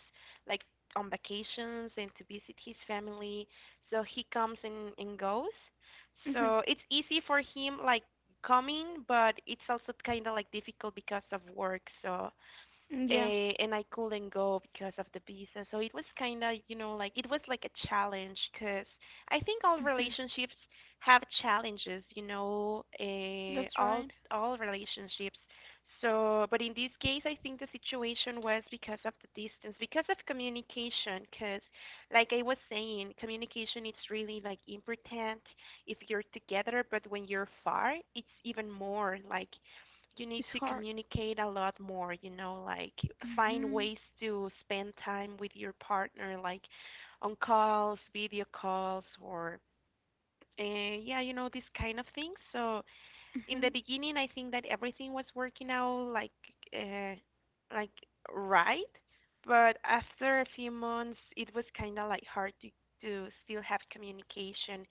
Speaker 1: like on vacations and to visit his family. So he comes and goes.
Speaker 2: Mhm.
Speaker 1: So it's easy for him like coming, but it's also kind of like difficult because of work. So
Speaker 2: Mm, yeah.
Speaker 1: eh, and I couldn't go because of the visa. So it was kind of, you know, like it was like a challenge because I think all
Speaker 2: Mhm.
Speaker 1: relationships have challenges, you know, eh,
Speaker 2: That's right.
Speaker 1: all relationships. So, but in this case, I think the situation was because of the distance, because of communication. Because, like I was saying, communication is really like important if you're together, but when you're far, it's even more like you need
Speaker 2: It's
Speaker 1: to
Speaker 2: hard.
Speaker 1: communicate a lot more, you know, like find
Speaker 2: Mhm.
Speaker 1: ways to spend time with your partner, like on calls, video calls, or yeah, you know, these kind of things. So in the
Speaker 2: Mhm.
Speaker 1: beginning I think that everything was working out uh, like right, but after a few months it was kind of like hard to still have communication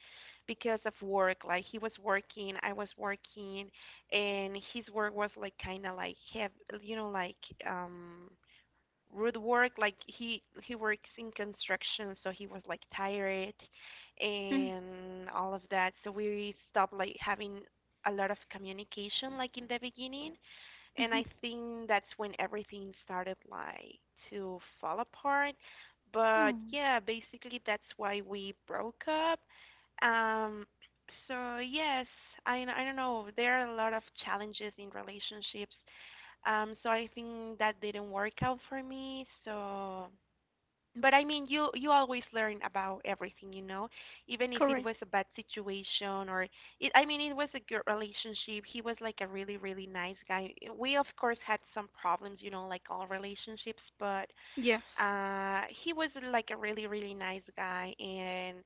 Speaker 1: because of work. Like he was working, I was working, and his work was like kind of like heavy, you know, um Root work like he works in construction, so he was like tired
Speaker 2: Mm.
Speaker 1: and all of that. So we stopped like having a lot of communication like in the beginning, and I
Speaker 2: Mhm.
Speaker 1: think that's when everything started like to fall apart. But
Speaker 2: No.
Speaker 1: yeah, basically that's why we broke up. um so yes, I don't know, there are a lot of challenges in relationships. So I think that didn't work out for me. So, but I mean, you always learn about everything, you know, even if it was
Speaker 2: Correct.
Speaker 1: a bad situation or it. I mean, it was a good relationship. He was like a really really nice guy. We of course had some problems, you know, like all relationships, but
Speaker 2: Yes.
Speaker 1: he was like a really really nice guy. And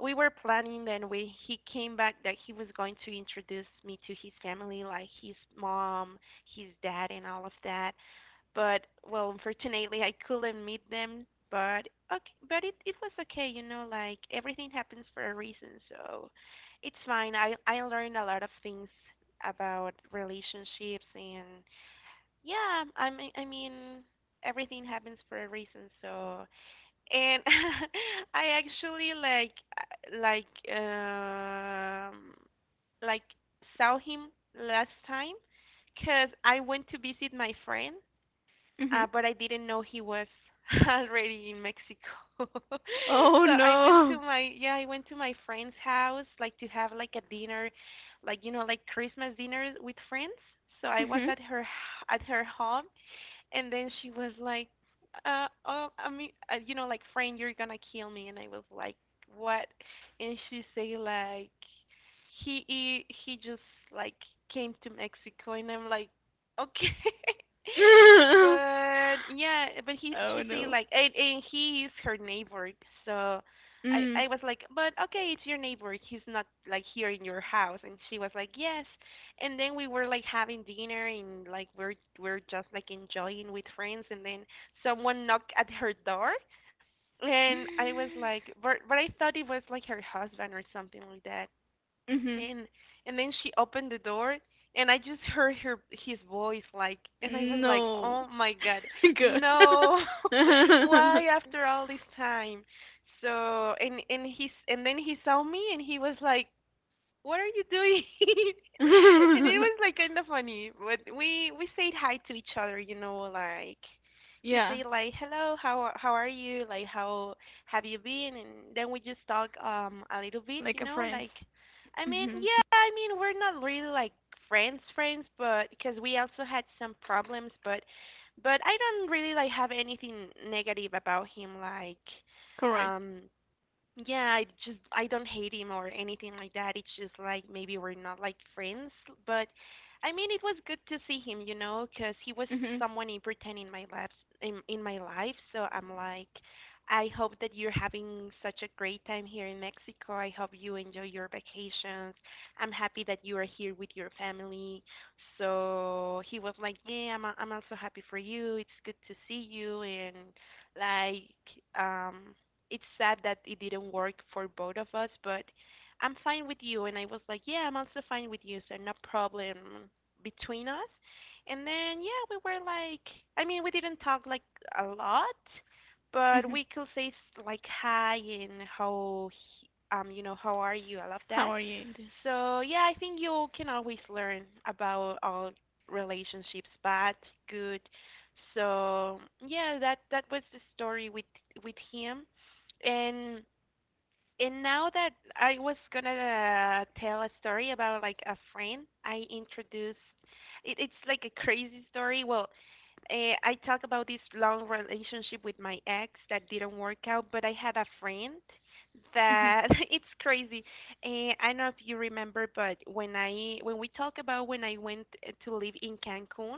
Speaker 1: we were planning. Then we he came back that he was going to introduce me to his family, like his mom, his dad, and all of that. But, well, unfortunately I couldn't meet them. But okay, but it was okay, you know, like everything happens for a reason, so it's fine. I learned a lot of things about relationships. And yeah, I mean everything happens for a reason. So, and I actually like uh, like um like saw him last time because I went to visit my friend.
Speaker 2: Mhm.
Speaker 1: But I didn't know he was already in Mexico.
Speaker 2: Oh
Speaker 1: So I went to
Speaker 2: no.
Speaker 1: my, I went to my friend's house like to have like a dinner, like you know, like Christmas dinner with friends. So I was
Speaker 2: Mhm.
Speaker 1: at at her home, and then she was like, you know, like, friend, you're gonna kill me. And I was like, what? And she say like, he just like came to Mexico, and I'm like, okay. But yeah, but he
Speaker 2: Oh
Speaker 1: she say
Speaker 2: no.
Speaker 1: like, and he is her neighbor, so.
Speaker 2: Mm.
Speaker 1: I was like, but okay, it's your neighbor. He's not like here in your house. And she was like, yes. And then we were like having dinner, and like we're just like enjoying with friends. And then someone knocked at her door, and I was like, but I thought it was like her husband or something like that.
Speaker 2: Mhm.
Speaker 1: and and then she opened the door, and I just heard her his voice like, and I was like,
Speaker 2: No.
Speaker 1: oh my god,
Speaker 2: Good.
Speaker 1: no. Why after all this time? So and he's and then he saw me and he was like, what are you doing? And it was like kind of funny, but we said hi to each other, you know, like he
Speaker 2: Yeah.
Speaker 1: said like hello, how are you? Like how have you been? And then we just talk a little bit,
Speaker 2: Like
Speaker 1: you
Speaker 2: a
Speaker 1: know,
Speaker 2: friend.
Speaker 1: like I mean,
Speaker 2: Mhm.
Speaker 1: yeah, I mean, we're not really like friends friends, but because we also had some problems. But I don't really like have anything negative about him, like
Speaker 2: Correct.
Speaker 1: um yeah. I just, I don't hate him or anything like that. It's just like, maybe we're not like friends, but I mean, it was good to see him, you know, 'cause he was
Speaker 2: Mhm.
Speaker 1: someone important in my life, in my life. So I'm like, I hope that you're having such a great time here in Mexico. I hope you enjoy your vacations. I'm happy that you are here with your family. So he was like, yeah, I'm also happy for you. It's good to see you, and like um it's sad that it didn't work for both of us, but I'm fine with you. And I was like, yeah, I'm also fine with you, so no problem between us. And then, yeah, we were like, I mean, we didn't talk like a lot, but
Speaker 2: Mhm.
Speaker 1: we could say like hi and you know, how are you? I love
Speaker 2: How
Speaker 1: that.
Speaker 2: are you in this?
Speaker 1: So, yeah, I think you can always learn about all relationships, bad, good. So, yeah, that was the story with him. And and now that I was gonna tell a story about like a friend I introduced, it's like a crazy story. Well, I talk about this long relationship with my ex that didn't work out, but I had a friend
Speaker 2: Mhm.
Speaker 1: that it's crazy. I don't know if you remember, but when I when we talk about when I went to live in Cancun,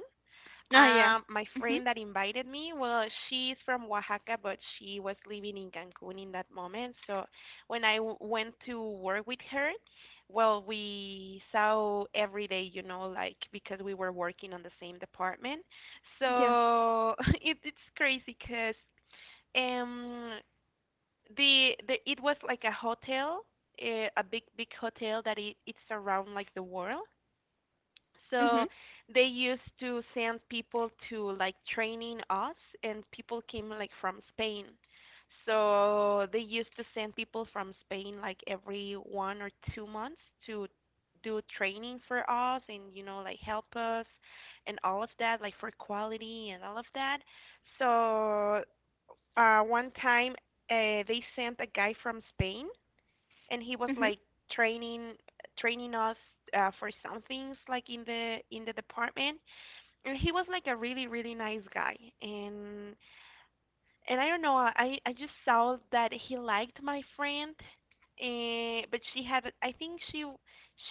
Speaker 2: Ah, yeah.
Speaker 1: my
Speaker 2: Mhm.
Speaker 1: friend that invited me, well, she's from Oaxaca, but she was living in Cancun in that moment. So when went to work with her, well, we saw every day, you know, like because we were working on the same department.
Speaker 2: Yeah.
Speaker 1: So it's crazy 'cause um the it was like a hotel, eh, a big big hotel that it's around like the world. So
Speaker 2: Mhm.
Speaker 1: they used to send people to like training us, and people came like from Spain. So they used to send people from Spain like every 1 or 2 months to do training for us and, you know, like help us and all of that, like for quality and all of that. So one time they sent a guy from Spain, and he was
Speaker 2: Mhm.
Speaker 1: like training training us for some things like in the department. And he was like a really really nice guy. and and I don't know, I just saw that he liked my friend. And but she had, I think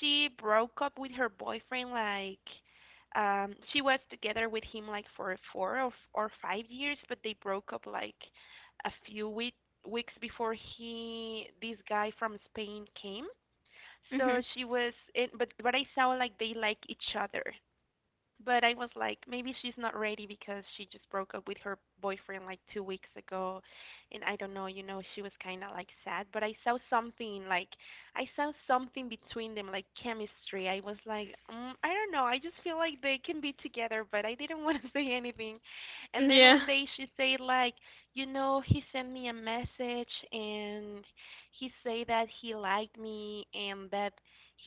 Speaker 1: she broke up with her boyfriend like she was together with him like for four or 5 years, but they broke up like a few weeks before he this guy from Spain came. So
Speaker 2: Mhm.
Speaker 1: she was, but I saw like they like each other. But I was like, maybe she's not ready because she just broke up with her boyfriend like 2 weeks ago. And I don't know, you know, she was kind of like sad. But I saw something like, I saw something between them like chemistry. I was like, mm, I don't know, I just feel like they can be together, but I didn't want to say anything. And then
Speaker 2: Yeah.
Speaker 1: one day she said like, you know, he sent me a message and he said that he liked me and that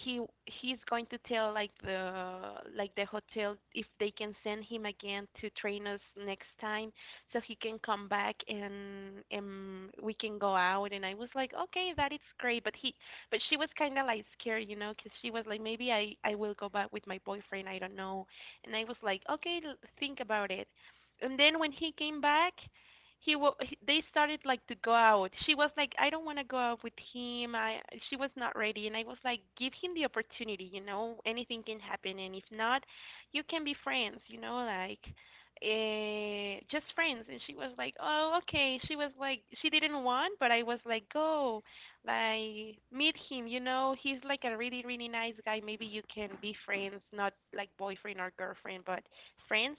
Speaker 1: he he's going to tell like the hotel if they can send him again to train us next time so he can come back and we can go out. And I was like, okay, that is great. But he but she was kind of like scared, you know, because she was like, maybe I will go back with my boyfriend, I don't know. And I was like, okay, think about it. And then when he came back, they started like to go out. She was like, I don't want to go out with him. I She was not ready. And I was like, give him the opportunity, you know, anything can happen. And if not, you can be friends, you know, like just friends. And she was like, oh okay. She was like, she didn't want. But I was like, go like meet him, you know, he's like a really really nice guy. Maybe you can be friends, not like boyfriend or girlfriend, but friends.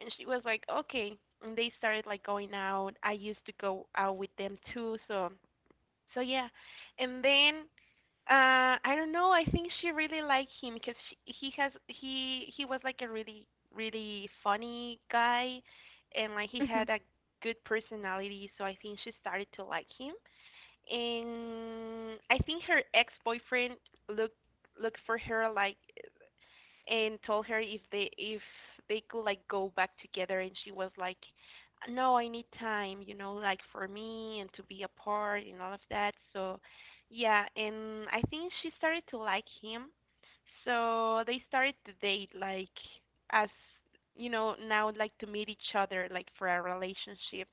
Speaker 1: And she was like, okay. And they started like going out. I used to go out with them too. So, so yeah. And then I don't know, I think she really liked him because he was like a really really funny guy, and like he
Speaker 2: Mhm.
Speaker 1: had a good personality. So I think she started to like him. And I think her ex boyfriend looked looked for her like and told her if they could like go back together. And she was like, no, I need time, you know, like for me, and to be apart and all of that. So yeah, and I think she started to like him. So they started to date, like as, you know, now like to meet each other like for a relationship.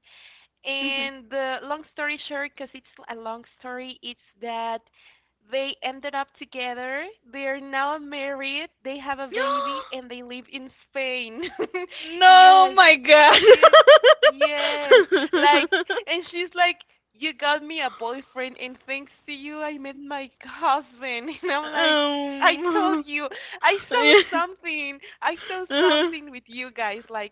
Speaker 2: Mhm.
Speaker 1: And the long story short, because it's a long story, it's that they ended up together. They are now married. They have a baby, and they live in Spain.
Speaker 2: No,
Speaker 1: Yes,
Speaker 2: my God.
Speaker 1: you, yes. Like, and she's like, "You got me a boyfriend, and thanks to you, I met my husband." And I'm like, "I told
Speaker 2: Um.
Speaker 1: you, I saw
Speaker 2: Yeah.
Speaker 1: something. I saw
Speaker 2: Uh-huh.
Speaker 1: something with you guys. Like,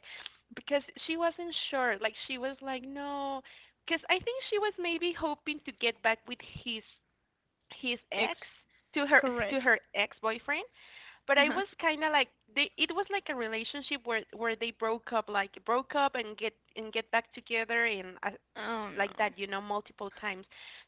Speaker 1: because she wasn't sure. Like she was like, no, because I think she was maybe hoping to get back with his ex,
Speaker 2: It's
Speaker 1: to her
Speaker 2: correct.
Speaker 1: ex boyfriend, but I
Speaker 2: Uh-huh.
Speaker 1: was kind of like they. It was like a relationship where they broke up, like broke up and get back together and
Speaker 2: Oh no.
Speaker 1: like that, you know, multiple times.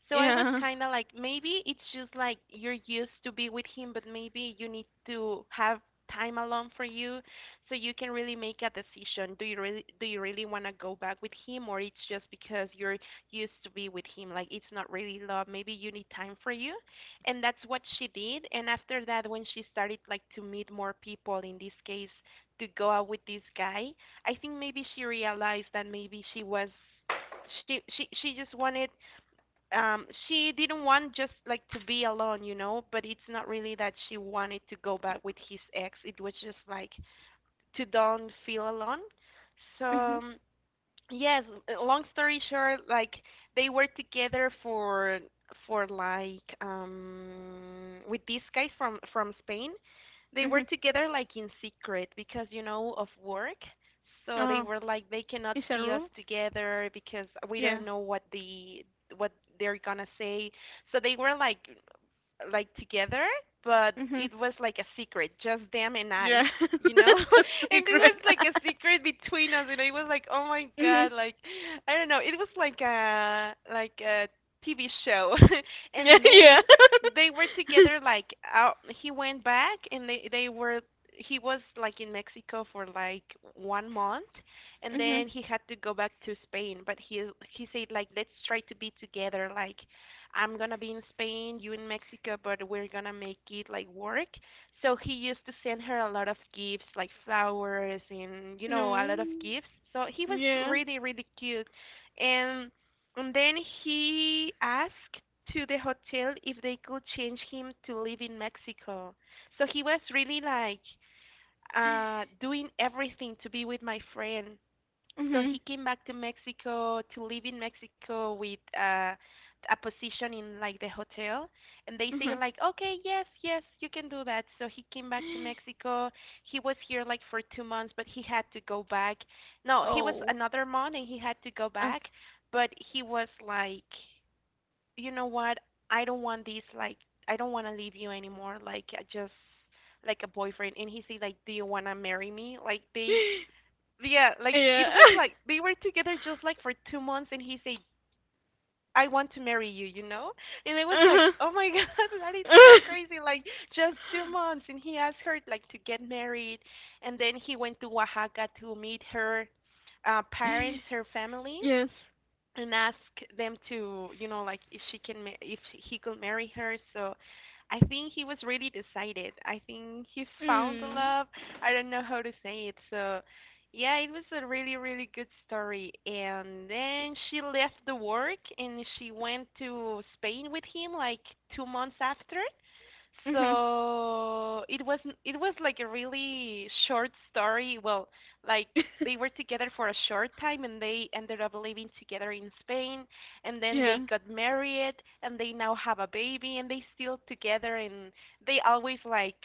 Speaker 1: So I was
Speaker 2: Yeah.
Speaker 1: kind of like maybe it's just like you're used to be with him, but maybe you need to have time alone for you so you can really make a decision. Do you really want to go back with him, or it's just because you're used to be with him, like it's not really love? Maybe you need time for you. And that's what she did, and after that when she started like to meet more people, in this case to go out with this guy, I think maybe she realized that maybe she was she just wanted she didn't want just like to be alone, you know, but it's not really that she wanted to go back with his ex. It was just like to don't feel alone. so
Speaker 2: Mhm.
Speaker 1: um, yes, long story short, like they were together for like with these guys from Spain. They were
Speaker 2: Mhm.
Speaker 1: together like in secret because, you know, of work. So they
Speaker 2: Oh,
Speaker 1: were like, they cannot
Speaker 2: is that a
Speaker 1: see us
Speaker 2: rule?
Speaker 1: together because we don't
Speaker 2: Yeah.
Speaker 1: know what the what they're gonna say. So they were like together, but
Speaker 2: Mhm.
Speaker 1: it was like a secret, just them and
Speaker 2: Yeah.
Speaker 1: I,
Speaker 2: That's
Speaker 1: And it was
Speaker 2: secret.
Speaker 1: like a secret between us, and I was like, "Oh my
Speaker 2: Mhm.
Speaker 1: god, like I don't know, it was like a TV show."
Speaker 2: Yeah.
Speaker 1: And then
Speaker 2: Yeah.
Speaker 1: they were together like out. He went back, and they were he was like in Mexico for like 1 month, and
Speaker 2: Mhm.
Speaker 1: then he had to go back to Spain. But he said like, let's try to be together. Like, I'm gonna be in Spain, you in Mexico, but we're gonna make it like work. So he used to send her a lot of gifts, like flowers and, you know, a
Speaker 2: No.
Speaker 1: lot of gifts. So he was
Speaker 2: Yeah.
Speaker 1: really really cute, and and then he asked to the hotel if they could change him to live in Mexico. So he was really like doing everything to be with my friend. So
Speaker 2: Mhm.
Speaker 1: he came back to Mexico to live in Mexico with a position in like the hotel, and they say
Speaker 2: Mhm.
Speaker 1: like, okay, yes, yes, you can do that. So he came back to Mexico. He was here like for 2 months, but he had to go back. No, he was
Speaker 2: Oh.
Speaker 1: another month, and he had to go
Speaker 2: Okay.
Speaker 1: back. But he was like, you know what? I don't want this. Like, I don't want to leave you anymore. Like, I just like a boyfriend. And he said like, do you want to marry me? Like they yeah, like it
Speaker 2: Yeah.
Speaker 1: was like they were together just like for 2 months, and he said, "I want to marry you," you know. And I was like,
Speaker 2: Uh-huh.
Speaker 1: "Oh my god, that is so
Speaker 2: Uh,
Speaker 1: crazy!" Like just 2 months, and he asked her like to get married. And then he went to Oaxaca to meet her parents, her family,
Speaker 2: yes.
Speaker 1: and ask them to, you know, like, if she can, if he could marry her. So I think he was really decided. I think he found the
Speaker 2: Mm.
Speaker 1: love. I don't know how to say it. So yeah, it was a really, really good story. And then she left the work and she went to Spain with him like 2 months after.
Speaker 2: Mhm.
Speaker 1: So it was like a really short story. Well, like they were together for a short time and they ended up living together in Spain, and then
Speaker 2: Yeah.
Speaker 1: they got married, and they now have a baby, and they still together. And they always like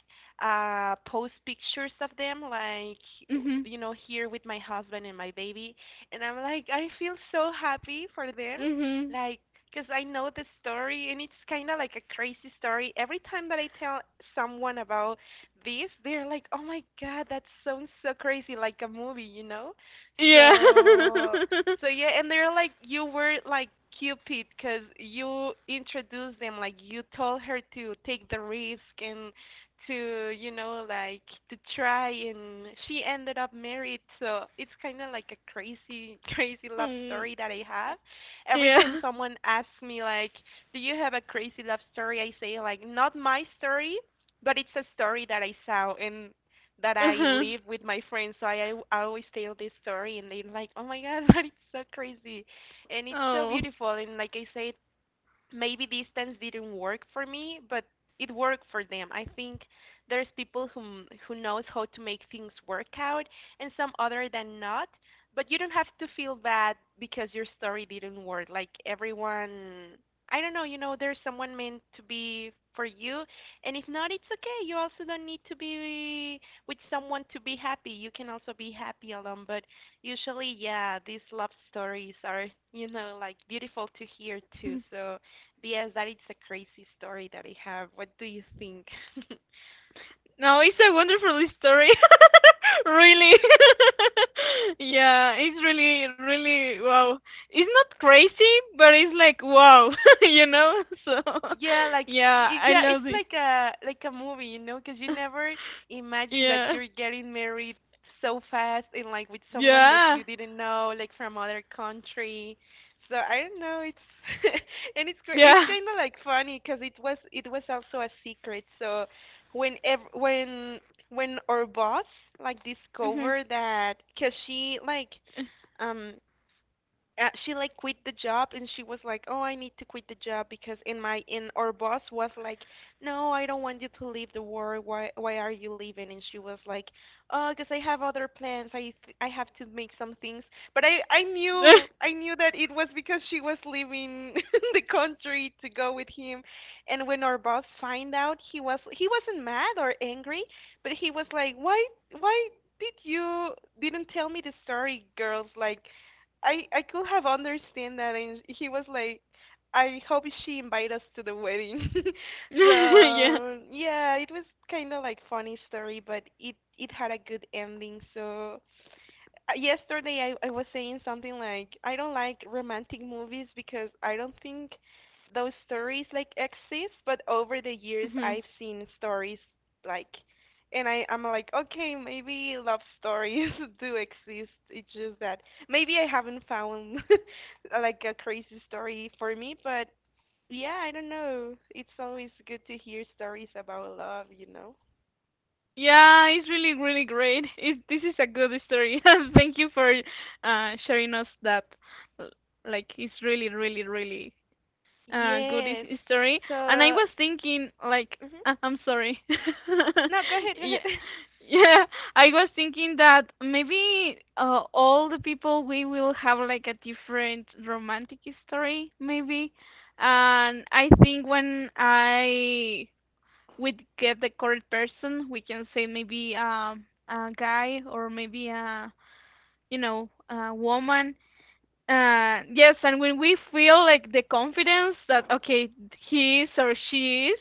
Speaker 1: post pictures of them, like,
Speaker 2: Mhm.
Speaker 1: you know, here with my husband and my baby. And I'm like, I feel so happy for them.
Speaker 2: Mhm.
Speaker 1: Like, because I know the story, and it's kind of like a crazy story. Every time that I tell someone about this, they're like, oh my God, that sounds so crazy, like a movie, you know?
Speaker 2: Yeah.
Speaker 1: So, so yeah, and they're like, you were like Cupid because you introduced them, like, you told her to take the risk and to, you know, like, to try, and she ended up married. So it's kind of like a crazy, crazy love
Speaker 2: Oh.
Speaker 1: story that I have. Every time
Speaker 2: Yeah.
Speaker 1: someone asks me like, "Do you have a crazy love story?" I say like, "Not my story, but it's a story that I saw and that I
Speaker 2: Uh-huh.
Speaker 1: live with my friends." So I always tell this story, and they're like, "Oh my God, but it's so crazy, and it's so
Speaker 2: Oh.
Speaker 1: beautiful." And like I said, maybe distance didn't work for me, but it worked for them. I think there's people who knows how to make things work out, and some other than not. But you don't have to feel bad because your story didn't work. Like everyone, I don't know, you know, there's someone meant to be for you, and if not, it's okay. You also don't need to be with someone to be happy. You can also be happy alone. But usually, yeah, these love stories are, you know, like beautiful to hear
Speaker 2: Mhm.
Speaker 1: too. So yes, that is a crazy story that I have. What do you think?
Speaker 2: No, it's a wonderful story. Really. Yeah, it's really, really wow. It's not crazy, but it's like wow, you know? So,
Speaker 1: Yeah, like
Speaker 2: yeah, I
Speaker 1: yeah,
Speaker 2: love
Speaker 1: it's
Speaker 2: it.
Speaker 1: like a movie, you know, because you never imagine that
Speaker 2: Yeah.
Speaker 1: you're getting married so fast and like with someone that you
Speaker 2: Yeah.
Speaker 1: didn't know, like from other country. So I don't know. It's and it's it's
Speaker 2: Yeah.
Speaker 1: kind of like funny because it was also a secret. So when when our boss like
Speaker 2: Hmm.
Speaker 1: discovered that, because um she like quit the job, and she was like, oh, I need to quit the job because in my in our boss was like, no, I don't want you to leave the work. Why are you leaving? And she was like, oh, because I have other plans. I have to make some things. But I knew I knew that it was because she was leaving the country to go with him. And when our boss find out, he was he wasn't mad or angry, but he was like, why did you didn't tell me the story, girls? Like I could have understand that. And he was like, "I hope she invite us to the wedding."
Speaker 2: Yeah.
Speaker 1: So yeah, it was kind of like funny story, but it had a good ending. So yesterday, I was saying something like, I don't like romantic movies because I don't think those stories like exist, but over the years,
Speaker 2: Hmm.
Speaker 1: I've seen stories like, and I'm like, okay, maybe love stories do exist. It's just that maybe I haven't found like a crazy story for me, but yeah, I don't know. It's always good to hear stories about love, you know?
Speaker 2: Yeah, it's really, really great. It, this is a good story. Thank you for sharing us that. L- Like, it's really, really, really good
Speaker 1: Yes.
Speaker 2: history.
Speaker 1: So,
Speaker 2: And I
Speaker 1: mhm.
Speaker 2: was thinking, like, I'm sorry.
Speaker 1: No, go ahead, go ahead.
Speaker 2: Yeah, yeah. I was thinking that maybe all the people we will have like a different romantic history, maybe. And I think when I would get the correct person, we can say maybe a guy or maybe a you know a woman, yes, and when we feel like the confidence that okay, he is or she is,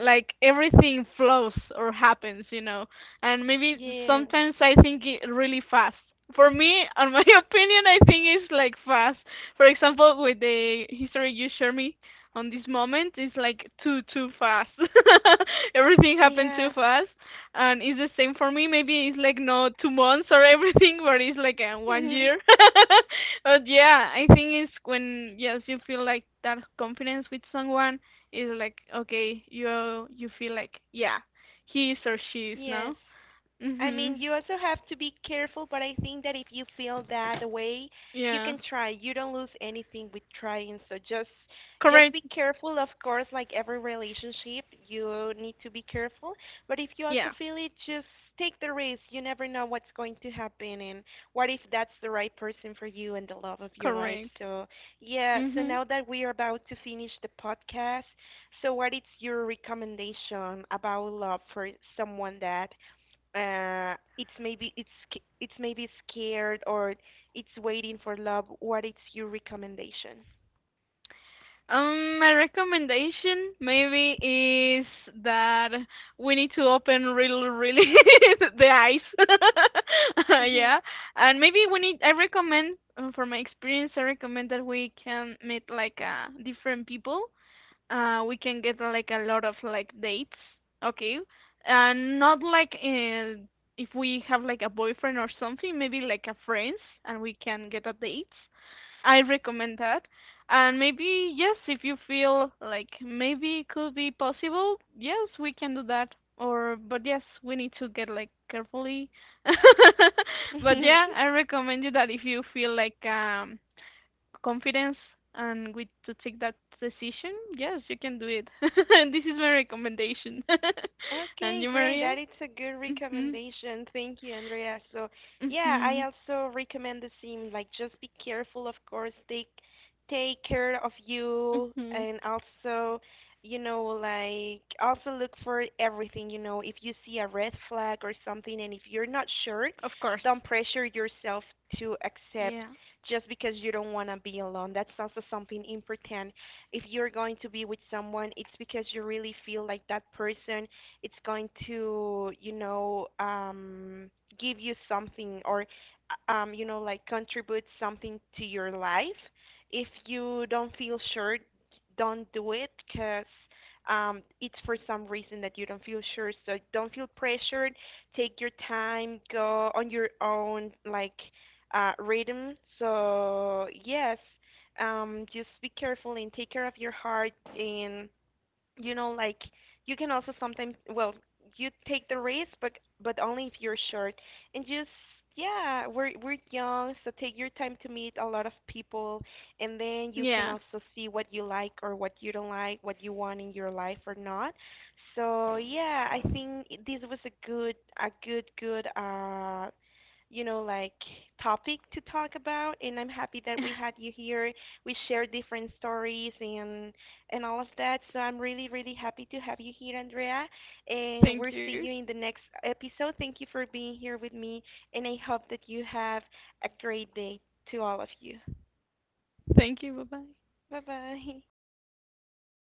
Speaker 2: like everything flows or happens, you know. And maybe
Speaker 1: Yes.
Speaker 2: sometimes I think it really fast. For me, on my opinion, I think it's like fast. For example, with the history you share me on this moment, it's like too fast. Everything happened too
Speaker 1: Yeah.
Speaker 2: fast, and it's the same for me. Maybe it's like not 2 months or everything, but it's like 1 year. But yeah, I think it's when yes you feel like that confidence with someone is like okay, you feel like yeah he is or she is
Speaker 1: Yes.
Speaker 2: now.
Speaker 1: I mean,
Speaker 2: Mhm.
Speaker 1: you also have to be careful, but I think that if you feel that way, you
Speaker 2: Yeah.
Speaker 1: can try. You don't lose anything with trying. So just
Speaker 2: Correct.
Speaker 1: be careful, of course, like every relationship, you need to be careful. But if you also
Speaker 2: Yeah.
Speaker 1: feel it, just take the risk. You never know what's going to happen, and what if that's the right person for you and the love of your life.
Speaker 2: Correct.
Speaker 1: So, yeah, so
Speaker 2: Mhm.
Speaker 1: now that we are about to finish the podcast, so what is your recommendation about love for someone that it's maybe it's it's maybe scared or it's waiting for love? What is your recommendation?
Speaker 2: My recommendation maybe is that we need to open really, really the eyes. Yeah, and maybe we need. I recommend, for my experience, I recommend that we can meet like different people. We can get like a lot of like dates. Okay, and not like if we have like a boyfriend or something, maybe like a friends, and we can get a date. I recommend that. And maybe, yes, if you feel like maybe it could be possible, yes, we can do that. Or, but yes, we need to get like carefully. But yeah, I recommend you that if you feel like confidence and with to take that decision, yes, you can do it. And this is my recommendation. And
Speaker 1: Okay,
Speaker 2: you,
Speaker 1: great.
Speaker 2: Maria?
Speaker 1: That is a good
Speaker 2: Mhm.
Speaker 1: recommendation. Thank you, Andrea. So, yeah, I
Speaker 2: Mhm.
Speaker 1: also recommend the same. Like, just be careful, of course. Take take care of you,
Speaker 2: Mhm.
Speaker 1: and also, you know, like also look for everything. You know, if you see a red flag or something, and if you're not sure,
Speaker 2: Of course.
Speaker 1: don't pressure yourself to
Speaker 2: Yeah.
Speaker 1: accept just because you don't want to be alone. That's also something important. If you're going to be with someone, it's because you really feel like that person it's going to, you know, give you something or you know, like contribute something to your life. If you don't feel sure, don't do it because, it's for some reason that you don't feel sure. So don't feel pressured. Take your time. Go on your own, like rhythm. So yes, just be careful and take care of your heart. And, you know, like, you can also sometimes, well, you take the risk, but only if you're short. And just yeah, we're young, so take your time to meet a lot of people, and then you can
Speaker 2: Yeah.
Speaker 1: also see what you like or what you don't like, what you want in your life or not. So yeah, I think this was a good good you know, like, topic to talk about, and I'm happy that we had you here. We shared different stories and all of that. So I'm really really happy to have you here, Andrea, and
Speaker 2: Thank
Speaker 1: we'll see
Speaker 2: you.
Speaker 1: you in the next episode. Thank you for being here with me, and I hope that you have a great day to all of you.
Speaker 2: Thank you. Bye-bye.
Speaker 1: Bye bye.